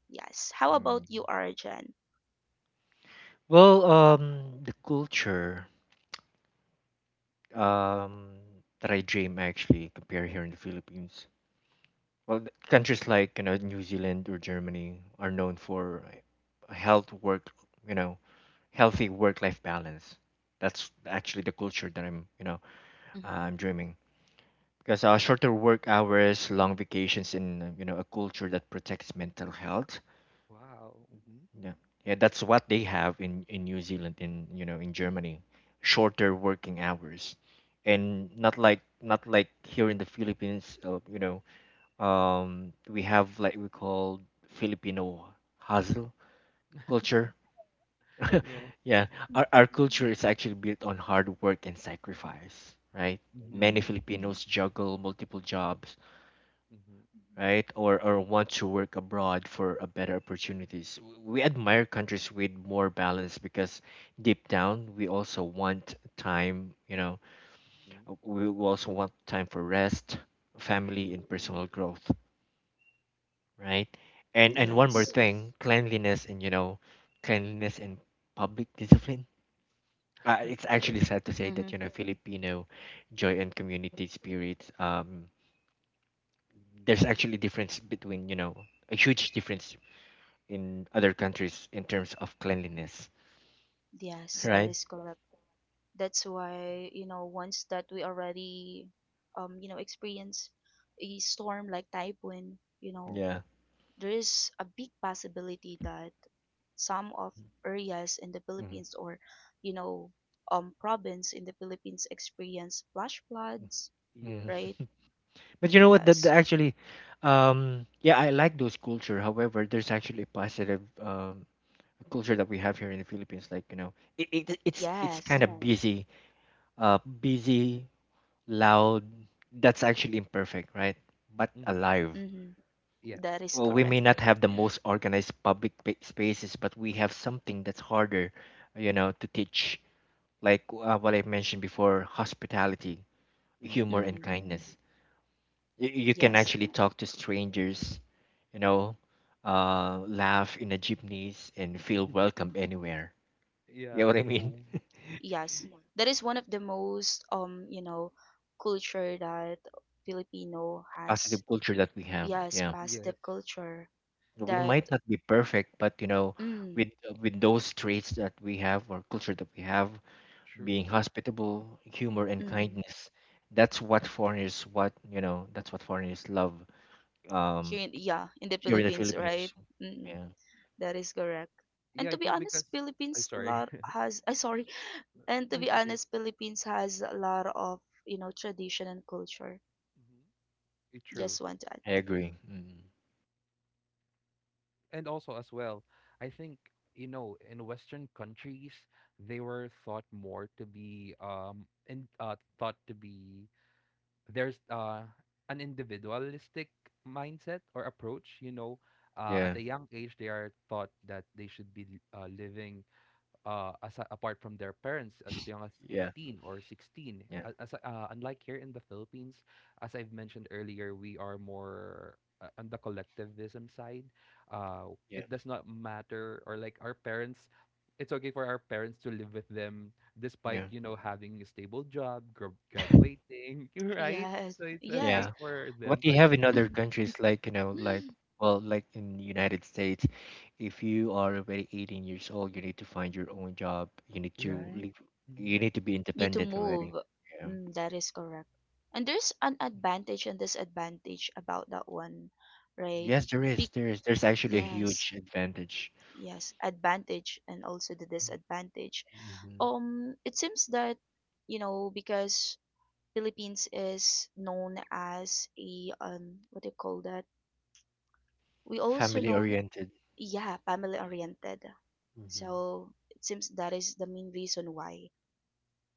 Yes. How about
Mm.
you, Arjan?
The culture um that I dream actually compare here in the Philippines. Countries like you know New Zealand or Germany are known for a health work, you know, healthy work-life balance. That's actually the culture that
Mm-hmm.
I'm dreaming. Because shorter work hours, long vacations, and you know a culture that protects mental health.
Wow, mm-hmm.
Yeah, yeah, that's what they have in New Zealand, in you know in Germany, shorter working hours, and not like here in the Philippines. You know, we have like we call Filipino hustle culture.
yeah,
Yeah, our culture is actually built on hard work and sacrifice, right?
mm-hmm.
Many
Mm-hmm.
Filipinos juggle multiple jobs,
Mm-hmm.
right? Or want to work abroad for a better opportunities. We admire countries with more balance because deep down we also want time,
Mm-hmm.
we also want time for rest, family
True.
and personal growth, right? And
True.
one more
Yes.
thing, cleanliness and public discipline. It's actually sad to say
Mm-hmm.
that you know Filipino joy and community spirit. There's actually difference between you know a huge difference in other countries in terms of cleanliness,
Yes, that
right?
is correct. That's why, you know, once that we already, experience a storm like typhoon, you know,
Yeah.
there is a big possibility that some of areas in the
Mhm.
Philippines, or, you know province in the Philippines experience flash floods,
Mm.
right?
Yes,
But you know what? That,
Yes.
that actually, yeah, I like those culture. However, there's actually a positive culture that we have here in the Philippines. Like you know, it's
Yes.
kind of, yes, busy, loud. That's actually imperfect, right? But
mm-hmm.
alive.
Mm-hmm.
Yes,
That is
Well, we may
correct.
not have the most organized public spaces, but we have something that's harder, you know, to teach like what I mentioned before, hospitality, humor,
mm-hmm.
and
Mm-hmm.
True.
kindness. You can
Yes.
actually talk to strangers, you know, laugh in the jeepneys, and feel welcome anywhere. You know what
yeah.
I mean? Mhm.
Yes, that is one of the most, culture that Filipino has.
Positive culture that we have.
Yes,
Yeah,
Yes.
positive culture
we
that,
might not be perfect, but you know,
mm,
with those traits that we have or culture that we have, being
True.
hospitable, humor, and
mm,
kindness. That's what foreigners love um,
here in, yeah, in the
here in the
Philippines, right?
Philippines.
Mm,
Yeah.
that is correct. And
Yeah,
to
I
be
think,
honest,
because I'm
Philippines
sorry.
lot has I sorry, and to
No,
be
it's okay.
honest, Philippines has a lot of, you know, tradition and culture.
Mm-hmm. Eh, true.
Just want to add.
I agree. Mm.
And also as well, I think, you know, in western countries they were thought more to be, in thought to be, there's, an individualistic mindset or approach, you know. Uh,
Yeah,
at a young age they are thought that they should be living, as apart from their parents as young as
yeah,
18 or 16.
yeah,
As, unlike here in the Philippines, as I've mentioned earlier, we are more on the collectivism side.
yeah,
It does not matter, or like our parents, it's okay for our parents to live with them despite,
yeah,
you know, having a stable job, graduating, right?
Yes.
So it's
Yes.
okay
yeah.
for
What
them. So
they
I
have
think,
in other countries, like you know, like well, like in the United States, if you are already 18 years old, you need to find your own job. You need to
right?
leave. You
Hmm.
need to be
You to
independent
move.
already. Yeah.
Mm, that is correct. And there's an advantage and disadvantage about that one, right?
Yes, there is.
Be-
There is. There's actually a
yes.
huge advantage.
Yes, advantage and also the disadvantage.
Mm-hmm.
It seems that, you know, because Philippines is known as a, um, what do you call that, we also
Family
known,
oriented.
yeah, family oriented.
Hmm.
So it seems that is the main reason why,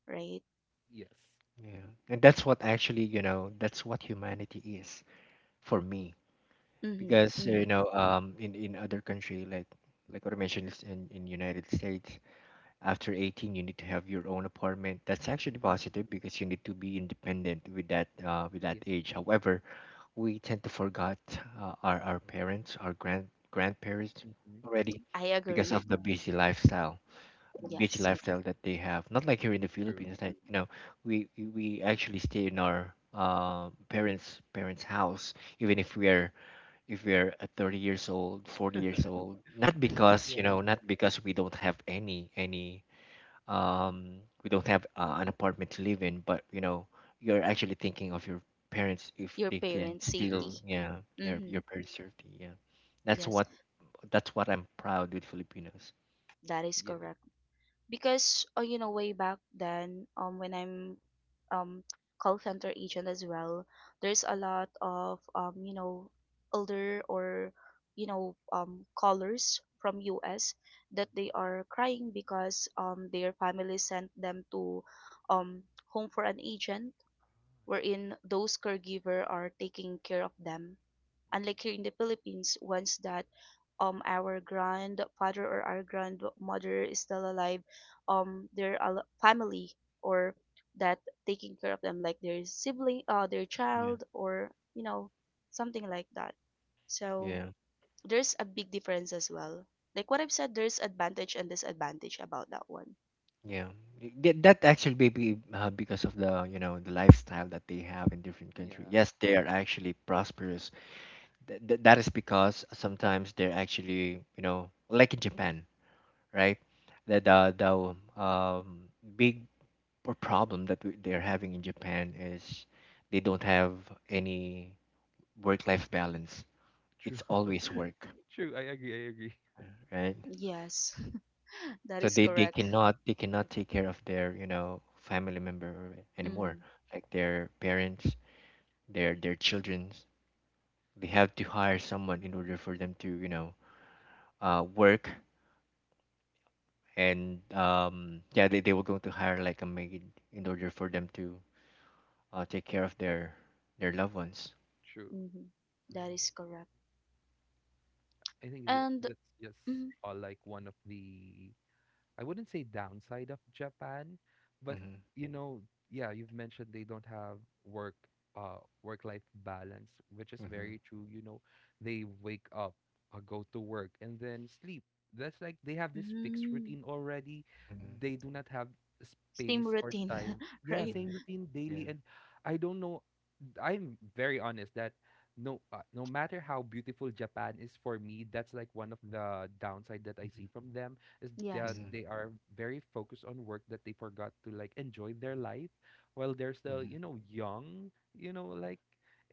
right?
Yes.
Yeah. And that's what actually, that's what humanity is for me.
Mm-hmm,
Because you
mm,
know in other country like what I mentioned is in United States after 18 you need to have your own apartment. That's actually
Hmm.
positive because you need to be independent with that
Yeah.
age. However, we tend to forget our parents, our grandparents
Hmm.
already
I
because of
agree.
the busy lifestyle,
Yes.
that they have. Not like here in the
True.
Philippines, that you know we actually stay in our parents house even if we are, if we're at 30 years old, 40 years old, not because you know,
Yeah.
not because we don't have any um we don't have an apartment to live in. But you know, you're actually thinking of your parents if
Your
they can
parents safety.
still,
True.
yeah, your
Mm-hmm,
your parents safety, yeah. that's
yes,
what that's what I'm proud with Filipinos.
that is
Yes.
correct. Because, way back then, when I'm um call center agent as well, there's a
Mm-hmm.
lot of, older or, callers from us, that they
Mm-hmm.
are crying because, their family sent them to um home for an agent,
Ah, yeah.
wherein those caregiver are taking care of them. Unlike here
Mm-hmm.
in the Philippines, once that, our grandfather or our grandmother is still alive, their family or that taking care of them, like their sibling, uh, their
Yeah.
child, or, you know, something like that. So
Yeah.
there's a big difference as well. Like what I've said, there's advantage and disadvantage about that one.
yeah That actually maybe because of the you know the lifestyle that they have in different country.
Yeah.
Yes, they are actually prosperous. That is because sometimes they're actually, you know, like in Japan, right? The big problem that they're having in Japan is they don't have any work-life balance.
True.
It's always work,
True. I agree. I agree.
right?
Yes. That
So
is
they
correct.
cannot, take care of their, you know, family member anymore,
Mm-hmm.
like their parents, their children's. They have to hire someone in order for them to, you know, work and yeah, they were going to hire like a maid in order for them to take care of their loved ones.
True.
Mm-hmm. That is correct.
I think that
And
that's
mm-hmm.
just, like, one of the, I wouldn't say downside of Japan, but
Hmm.
you know, yeah, you've mentioned they don't have work, work life balance, which is
Hmm.
very true. You know, they wake up, go to work, and then sleep. That's like they have this fixed
Mm,
routine already.
Hmm.
They do not have
same
space or
routine,
time. Yeah,
right?
Hmm.
same routine daily,
Yeah.
and I don't know. I'm very honest that no, no matter how beautiful Japan is, for me that's like one of the downside that I
Mm-hmm.
see from them, is that
Yes.
Hmm.
they are very focused on work that they forgot to like enjoy their life while they're still, you know, young, you know, like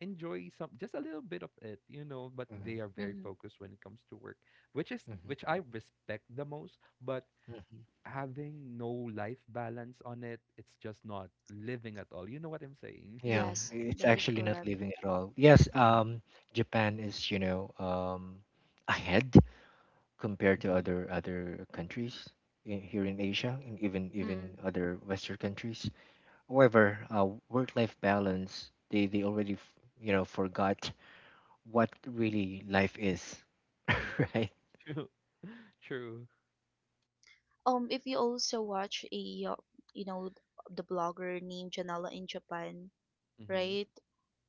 enjoy some, just a little bit of it, you know, but
Hmm.
they are very
Mm-hmm.
focused when it comes to work, which, is
Hmm.
which I respect the most, but
Hmm.
having no life balance on it, it's just not living at all. You know what I'm saying?
Yeah,
Yes,
it's
that is
actually not
correct.
living at all. Yes.
Mhm.
Japan is you know ahead compared to other countries in, here in Asia and even
Mm-mm.
other western countries. However, work-life balance, they already you know forgot what really life is,
Mm-hmm.
right?
True. True.
If you also watch a, you know, the blogger named Janela in Japan,
Mm-hmm.
right?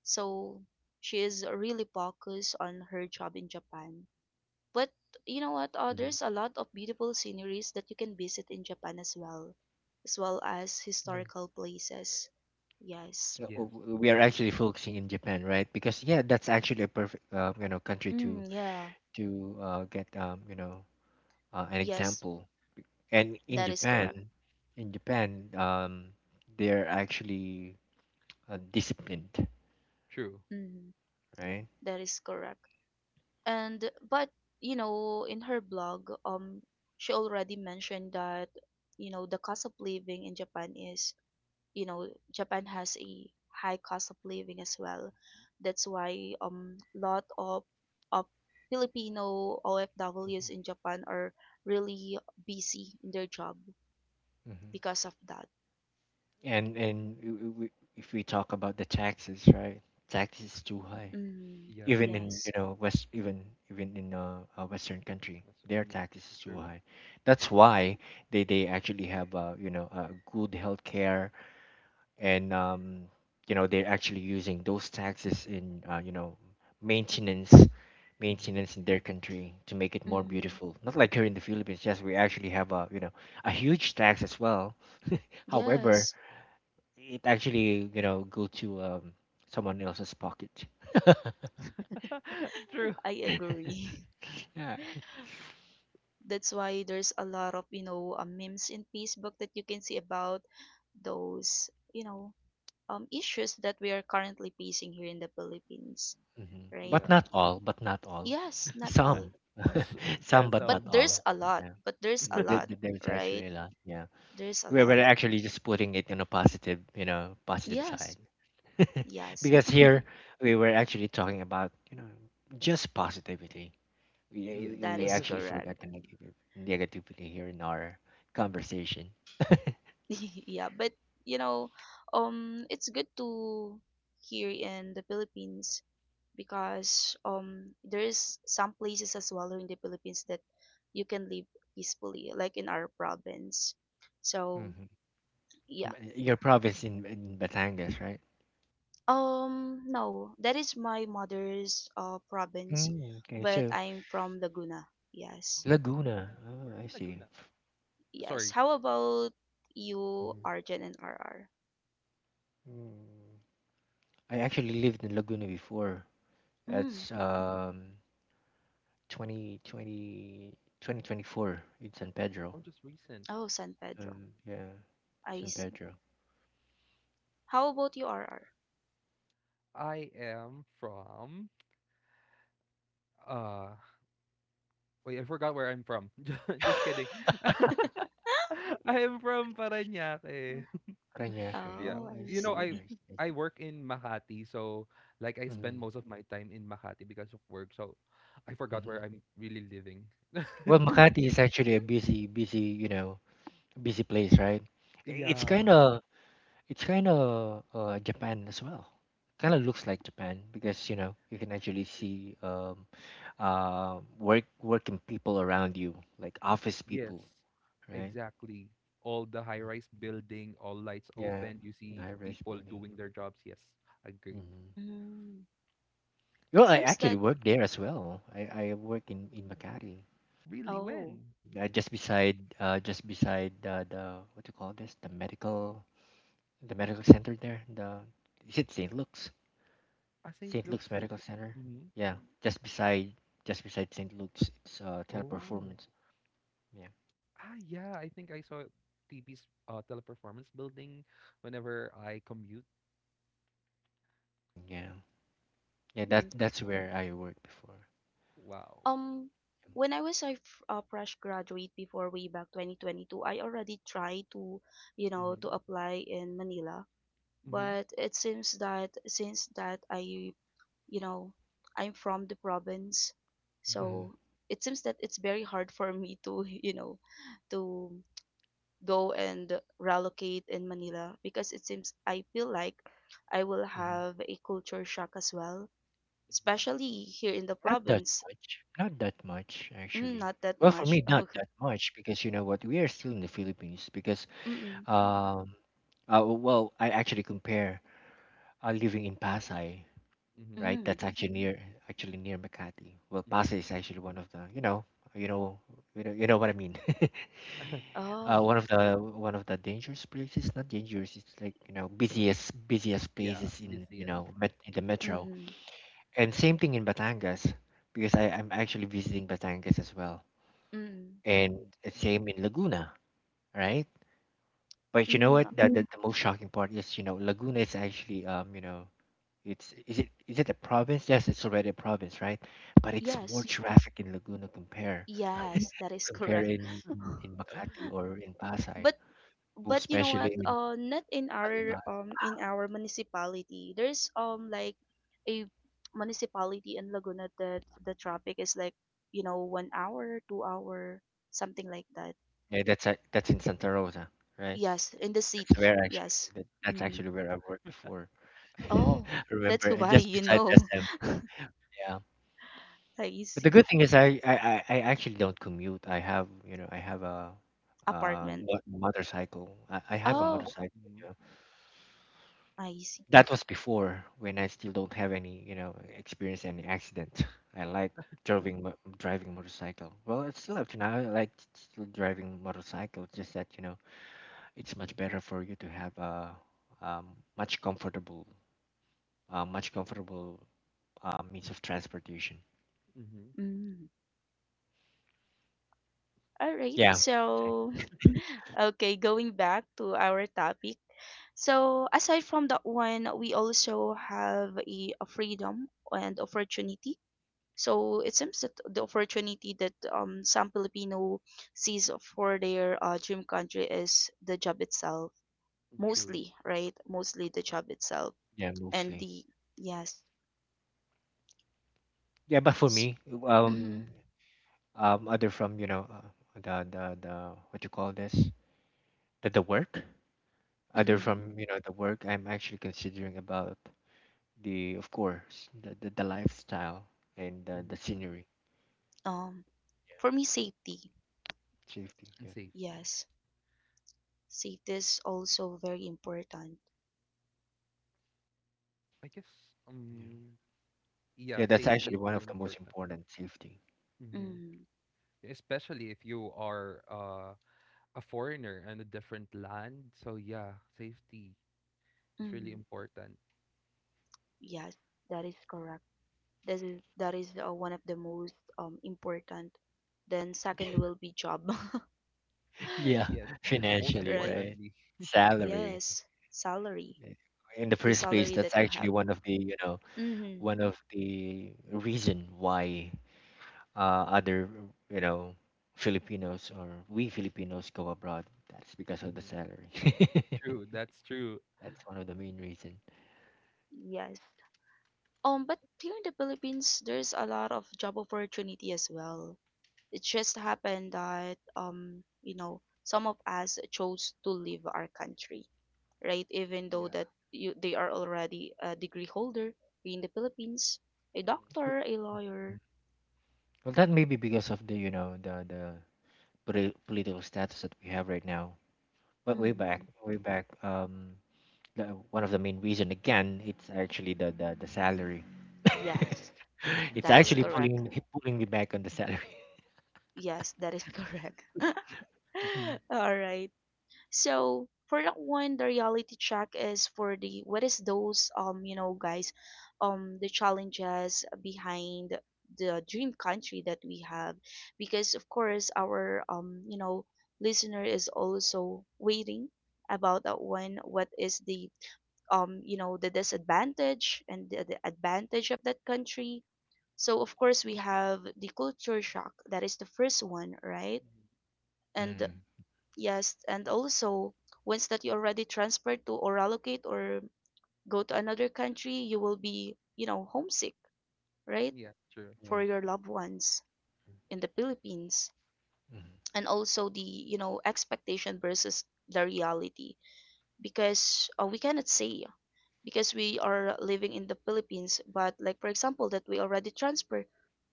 So she is really focused on her job in Japan. But you know what?
Hmm.
There's a lot of beautiful sceneries that you can visit in Japan as well, as well as
Yeah.
historical places. Yes.
Yeah,
Yes.
we are
True.
actually focusing in Japan, right? Because yeah, that's actually a perfect you know country to
Mm, yeah.
to get, you know, an
Yes,
example. And in
that is
Japan,
correct.
in Japan, um, they're actually disciplined,
True.
Mhm.
right?
That is correct. And but you know, in her blog, she already mentioned that, you know, the cost of living in Japan is, you know, Japan has a high cost of living as well. That's why, lot of Filipino OFWs in Japan are really busy in their job
Mhm.
because of that.
And if we talk about the taxes, right? Taxes is too high,
Mm,
Yeah.
even in
yes.
you know west, even in a western country,
That's,
their
yeah.
taxes is too
True.
high. That's why they actually have, you know, good healthcare, and you know they're actually using those taxes in, you know, maintenance,
Mm-hmm.
in their country to make it more
Mm-hmm.
beautiful. Not like here in the Philippines. Yes, we actually have a, you know, a huge tax as well. However,
Yes.
it actually, you know, go to, someone else's pocket.
True.
I
Yeah.
agree. That's why there's a lot of, you know, memes in Facebook that you can see about those, you know, issues that we are currently facing here in the Philippines,
Hmm.
right?
But
Yeah.
not all,
Yes, not all,
some. Some,
Yes.
but not all. Yeah.
but there's a lot,
There's
right?
actually a lot, yeah.
There's a lot.
We're actually just putting it on a positive, you know, positive side.
Yes, yes,
Because here we were actually talking about, you know, just positivity.
that
We
Yes.
is
actually
correct.
forgot the negative negativity here in our conversation.
Yeah, but you know, it's good to here in the Philippines, because there is some places as well in the Philippines that you can live peacefully, like in our province. So
Hmm. Ba-
yeah.
Your province in Batangas, right?
Um, no, that is my mother's province,
Mm, okay,
but
so
Mhm.
I'm from Laguna.
Oh,
Yes.
Laguna.
Laguna. We're
Oh,
in
I see.
Laguna.
Yes.
Sorry.
How about you,
Hmm.
Arjan and RR?
Mm. I actually lived in Laguna before.
Mm.
That's 2020 2024 in San Pedro.
Oh, just recent.
Oh, San Pedro.
Um, yeah,
I
San
see.
Pedro.
How about you, RR?
I am from, uh, wait, I forgot where I'm from. Ju- Just kidding. I am from Parañaque.
Parañaque.
Yeah.
Oh,
Oh, I
I
You know,
see.
I
Yeah,
see.
I see.
I work in Makati, so like I spend
Mm-hmm.
most of my time in Makati because of work. So I forgot where
Mm-hmm.
I'm really living.
Well, Makati is actually a busy, busy, you know, busy place, right? It's kind
Yeah.
of, it's kind of Japan as well. Kind of looks like Japan because you know you can actually see, working people around you, like office
Yes.
people, right?
Exactly. All the high-rise building, all lights
Yeah,
open, you
the
see
high-rise
people
building.
doing their jobs. Yes, agree.
Hmm.
Mm.
Well,
It
I
seems
actually
that,
work there as well. I work in Makati,
Really?
oh,
When?
just beside the, what do you call this? The medical center there. The, is it St. Luke's?
Ah, St.
St. Luke's
Luke's?
Medical Center.
Hmm.
Yeah, just beside, St. Luke's, it's
Oh.
teleperformance. Yeah.
Ah, yeah, I think I saw TP's, teleperformance building whenever I commute.
Mm, yeah. Yeah, that
hmm.
that's where I worked before.
Wow.
Um, when I was a, a fresh graduate before, way back 2022, I already tried to, you know,
Mm-hmm.
to apply in Manila. But it seems that since that I, you know, I'm from the province,
Mm-hmm.
Mm-hmm.
so it seems that it's very hard for me to, you know, to go and relocate in Manila, because it seems I feel like I will
Hmm.
have a culture shock as well,
Mm-hmm.
especially here in the
Not that
province.
much. Not that much
Mm,
actually.
not that
Well, for me,
much.
not that much because you know what, we are still in the Philippines. Because
Mm,
um well, I actually compare living in Pasay,
Mm-hmm.
right?
mm.
That's actually near, Makati. Well,
Mm-hmm.
Pasay is actually one of the, you know, you know what I mean.
Oh.
One of the, dangerous places, not dangerous. It's like, you know, busiest
Yeah,
places in, you
BCS.
know, in the metro.
Mhm.
And same thing in Batangas because I'm actually visiting Batangas as well.
Mm.
And
Mm-hmm.
it's same in Laguna, right? But you know what?
Mm.
The most shocking part is, you know, Laguna is actually, you know, it's is it a province? Yes, it's already a province, right? But it's more
Yes.
traffic in Laguna compare,
Yes, that is correct.
in in Makati or in Pasay,
But
most
you know what?
especially in
Not in our
Alibag.
in our municipality. There's
Mhm.
like a municipality in Laguna that the traffic is like you know 1 hour, 2 hour, something like that.
Yeah, that's a, that's in Santa Rosa, right?
Yes, in the
That's
city.
where actually,
Yes.
that's
Mm-hmm.
actually where I worked before. I
Oh, that's
Remember, and
why
just
you
beside
know.
SM, yeah.
I
But the
see
good thing is, I actually don't commute. I have, you know, I have a,
apartment.
motorcycle. I have a
Oh,
Wow.
motorcycle.
Mm-hmm.
Yeah.
I see.
That was before when I still don't have any, you know, experience any accident. I like driving, motorcycle. Well, it's still up to now. I like still driving motorcycle. Just that, you know, it's much better for you to have a, um, much comfortable, uh, much comfortable means of transportation.
Mm-hmm.
Mm. All right.
Yeah, exactly.
So, okay, going back to our topic. So, aside from that one, we also have a freedom and opportunity. So, it seems that the opportunity that some Filipino sees for their dream country is the job itself,
True.
mostly, right? Mostly the job itself
Yeah,
and
mostly.
the yes.
Yeah, but for me,
Mm-hmm,
um, other from, you know, the what you call this, the work. Other
mm-hmm.
Mm-hmm.
from, you know, the work, I'm actually considering about the, of course, the, the lifestyle and the,
Mm-hmm.
scenery.
Um, for me, safety.
Safety,
And
yeah.
safety.
Yes. Safety is also very important.
I guess,
Yeah,
um, yeah,
yeah, that's
safety is
actually one
really
of the most
important.
important, safety.
Mm-hmm.
Mm,
Especially if you are, a foreigner in a different land. So yeah, safety is really
mm,
important.
yes, that is correct. That is one of the most important. Then second will be job,
Yeah.
Yes. Most
Financially,
right?
right?
importantly.
Salary.
Yes, salary,
Eh, in the
the
first place,
salary
that's
that you
actually
have.
one of the, you know,
Mm-hmm.
one of the reason why, other you know, Filipinos, or we Filipinos, go abroad. That's because of the
Mm-hmm.
salary.
True, that's true.
That's one of the main reason.
Yes. But here in the Philippines, there's a lot of job opportunity as well. It just happened that some of us chose to leave our country, right? Even though
Yeah.
that you they are already a degree holder in the Philippines, a
Mm-hmm.
doctor, a lawyer.
Well, that may be because of the, you know, the political status that we have right now. But way back,
Hmm.
the, one of the main reason again, it's actually the, the salary.
Yeah.
Yes,
The
It's
that is
actually
salary.
correct.
pulling, me back on the salary.
Yes, that is correct.
Mhm.
All right. So for that one, the reality check is for the what is those guys, the challenges behind the dream country that we have, because of course our listener is also waiting about that one. What is the the disadvantage and the advantage of that country? So of course we have the culture shock. That is the first one, right?
Mm-hmm.
And
Mm.
yes, and also once that you already transferred to or allocate or go to another country, you will be, you know, homesick, right?
Yeah, true.
For
Yeah.
your loved ones in the Philippines. And also the expectation versus the reality because we cannot say because we are living in the Philippines, but like for example that we already transfer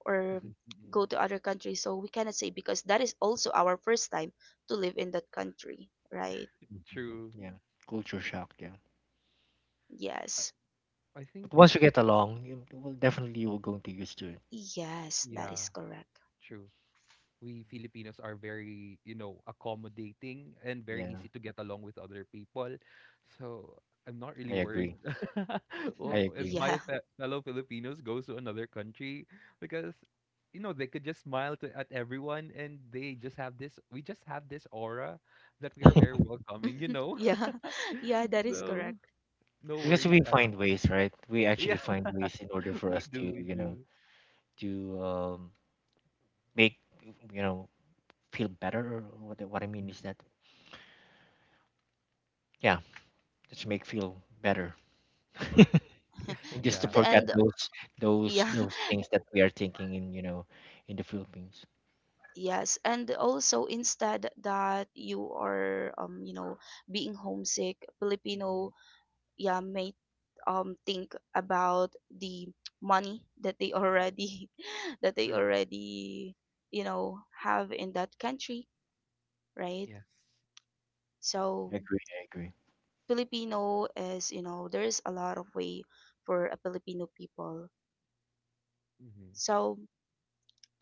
or
Mm-hmm.
Mm-hmm.
go to other countries, so we cannot say because that is also our first time to live in that country, right?
Hmm.
True.
Yeah. Culture shock. Yeah.
Yes.
I
But
think,
once you get along, you, well, definitely you're going to used to it.
Yes, that
yeah,
is correct.
true. We Filipinos are very, you know, accommodating and very
Yeah.
easy to get along with other people. So I'm not really
I
worried,
agree. I
well,
Mhm.
if
agree.
my
Yeah.
fellow Filipinos goes to another country, because, you know, they could just smile to, at everyone, and they just have this, we just have this aura that we are very welcoming, you know?
Yeah. Yeah, that is
So
correct.
no
Because we
worries at,
find ways, right? We actually
yeah,
find ways in order for
we
us to,
do, we
you know,
do.
to, make, you know, feel better. Or what what I mean is
Mhm.
that, yeah, just make feel better. And just to
Yeah.
forget
And
those,
yeah,
those things that we are thinking in, you know, in the Philippines.
yes. And also instead that you are being homesick,
Mhm.
Filipino yeah may think about the money that they already that they
True.
already, you know, have in that country, right?
Yes.
I
So
agree. I agree.
Filipino is, there's a lot of way for a Filipino people.
Hmm.
So,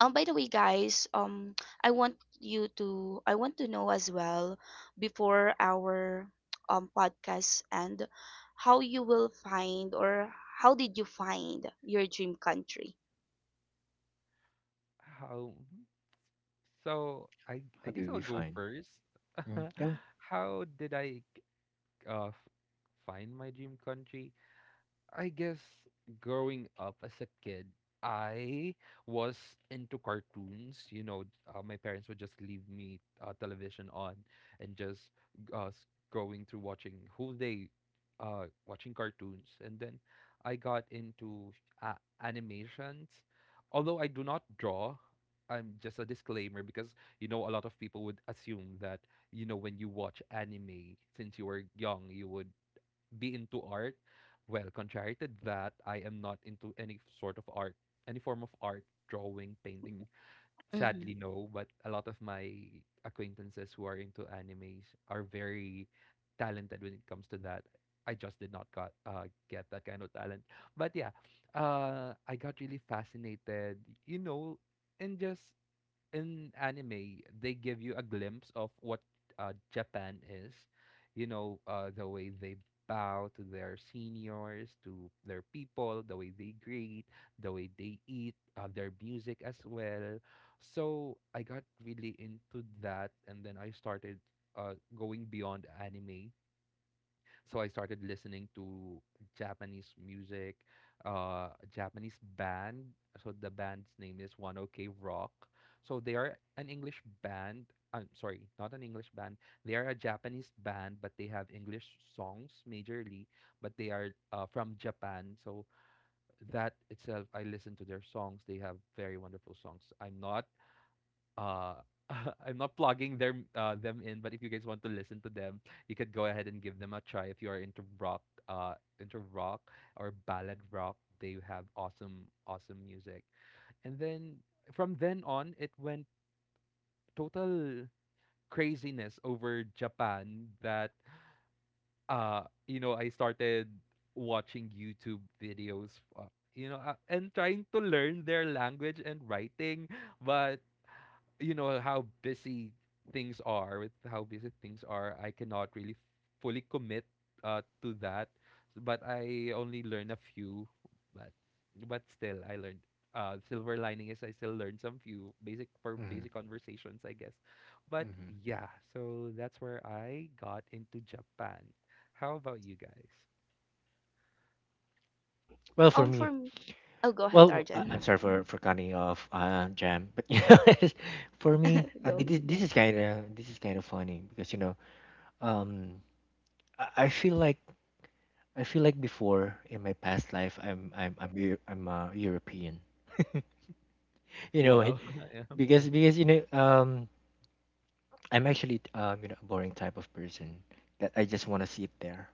by the way, guys, I want to know as well before our podcast and how you will find or how did you find your dream country?
How? So I
How
guess
did we
I'll go
find?
first.
Mm, oh.
How did I uh f- find my dream country? I guess growing up as a kid, I was into cartoons. You know, my parents would just leave me, television on, and just uh, going through watching whole day, watching cartoons. And then I got into, uh, animations. Although I do not draw, I'm just a disclaimer because you know a lot of people would assume that, you know, when you watch anime since you were young, you would be into art. Well, contrary to that, I am not into any sort of art, any form of art, drawing, painting.
Mm-hmm.
Sadly, no. But a lot of my acquaintances who are into animes are very talented when it comes to that. I just did not got, get that kind of talent. But yeah, I got really fascinated, you know, and just in anime they give you a glimpse of what, Japan is. You know, the way they bow to their seniors, to their people, the way they greet, the way they eat, their music as well. So I got really into that, and then I started, going beyond anime, so I started listening to Japanese music, a Japanese band. So the band's name is One OK Rock. So they are an English band. I'm sorry, not an English band. They are a Japanese band, but they have English songs majorly. But they are, from Japan. So that itself, I listen to their songs. They have very wonderful songs. I'm not, uh I'm not plugging their, them in, but if you guys want to listen to them, you could go ahead and give them a try if you are into rock, uh into rock or ballad rock. They have awesome, awesome music. And then from then on, it went total craziness over Japan, that, uh you know, I started watching YouTube videos, you know, and trying to learn their language and writing, but you know how busy things are, with how busy things are, I cannot really fully commit, to that. But I only learn a few, but but still I learned, uh, silver lining is I still learned some few basic, for
Hmm.
basic conversations, I guess. But
Hmm.
yeah, so that's where I got into Japan. How about you guys?
Well, for me,
For me, oh, go ahead,
well, I'm
Arjan.
sorry for cutting you off, Jam, but you know, for me,
Go.
this is kind of, funny because you know, um, I feel like, before in my past life, I'm a European. You know, it-
Wow. yeah.
because you know, I'm actually, you know, a boring type of person that I just want to sit there,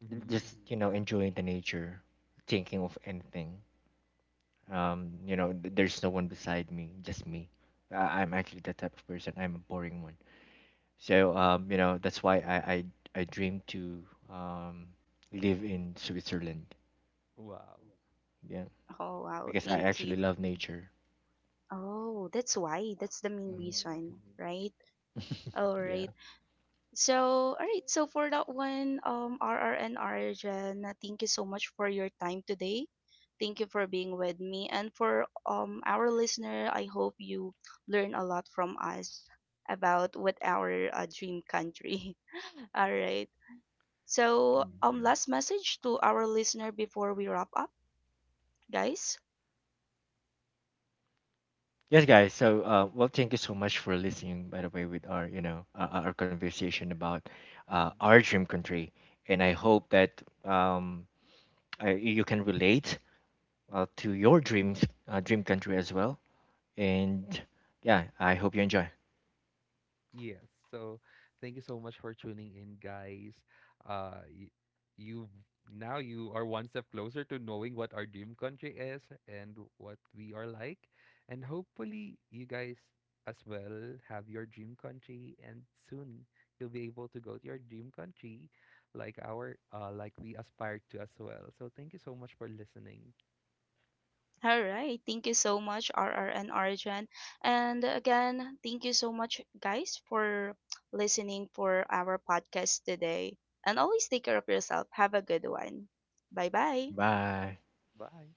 Hmm.
just you know, enjoying the nature, thinking of anything. You know, there's no one beside me, just me. I'm actually that type of person. I'm a boring one. So, you know, that's why I dream to um live in Switzerland.
Wow.
Yeah,
Oh, wow,
because I
thank
actually
you.
love nature.
Oh, that's why. That's the main
Mhm.
reason, right? All
Yeah.
right. So, all right. So for that one, RR and thank you so much for your time today. Thank you for being with me, and for our listener, I hope you learn a lot from us about what our dream country. All right. So,
Yeah.
last message to our listener before we wrap up, guys.
Yes, guys. So, well, thank you so much for listening. By the way, with our, you know, our conversation about,
Mm-hmm.
our dream country, and I hope that, you can relate, to your dreams, dream country as well. And yeah, I hope you enjoy.
Yes. So thank you so much for tuning in, guys. Uh, y- you, now you are one step closer to knowing what our dream country is and what we are like, and hopefully you guys as well have your dream country, and soon you'll be able to go to your dream country, like our, like we aspire to as well. So thank you so much for listening.
All right. Thank you so much, R R and Arjan. And again, thank you so much, guys, for listening for our podcast today. And always take care of yourself. Have a good one. Bye bye.
Bye.
Bye.